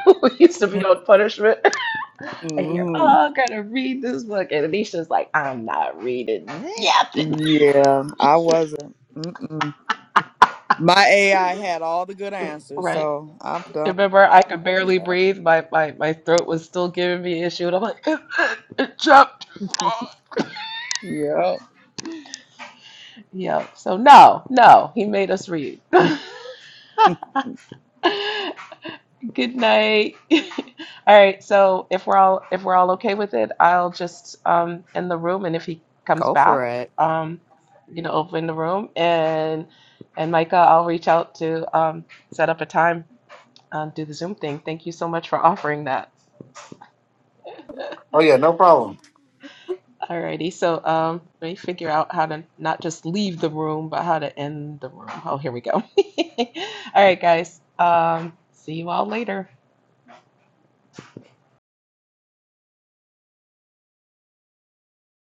Speaker 4: when we used to be on punishment.
Speaker 5: mm
Speaker 4: oh, I gotta read this book, and Anisha's like, I'm not reading nothing.
Speaker 5: Yeah, I wasn't. Mm-mm. My AI had all the good answers,
Speaker 4: Right.
Speaker 5: so I'm done.
Speaker 4: Remember, I could barely
Speaker 5: Yeah.
Speaker 4: breathe. My, my, my throat was still giving me issue, and I'm like, it, it, it jumped.
Speaker 5: yeah.
Speaker 4: Yeah. So no, no, he made us read. Good night. All right. So if we're all if we're all okay with it, I'll just um end the room, and if he comes
Speaker 6: go
Speaker 4: back,
Speaker 6: for it.
Speaker 4: um, you know, open the room, and and Micah, I'll reach out to um set up a time, um, do the Zoom thing. Thank you so much for offering that.
Speaker 10: Oh yeah, no problem.
Speaker 4: Alrighty, so um, let me figure out how to not just leave the room, but how to end the room. Oh, here we go. All right, guys. Um, see you all later.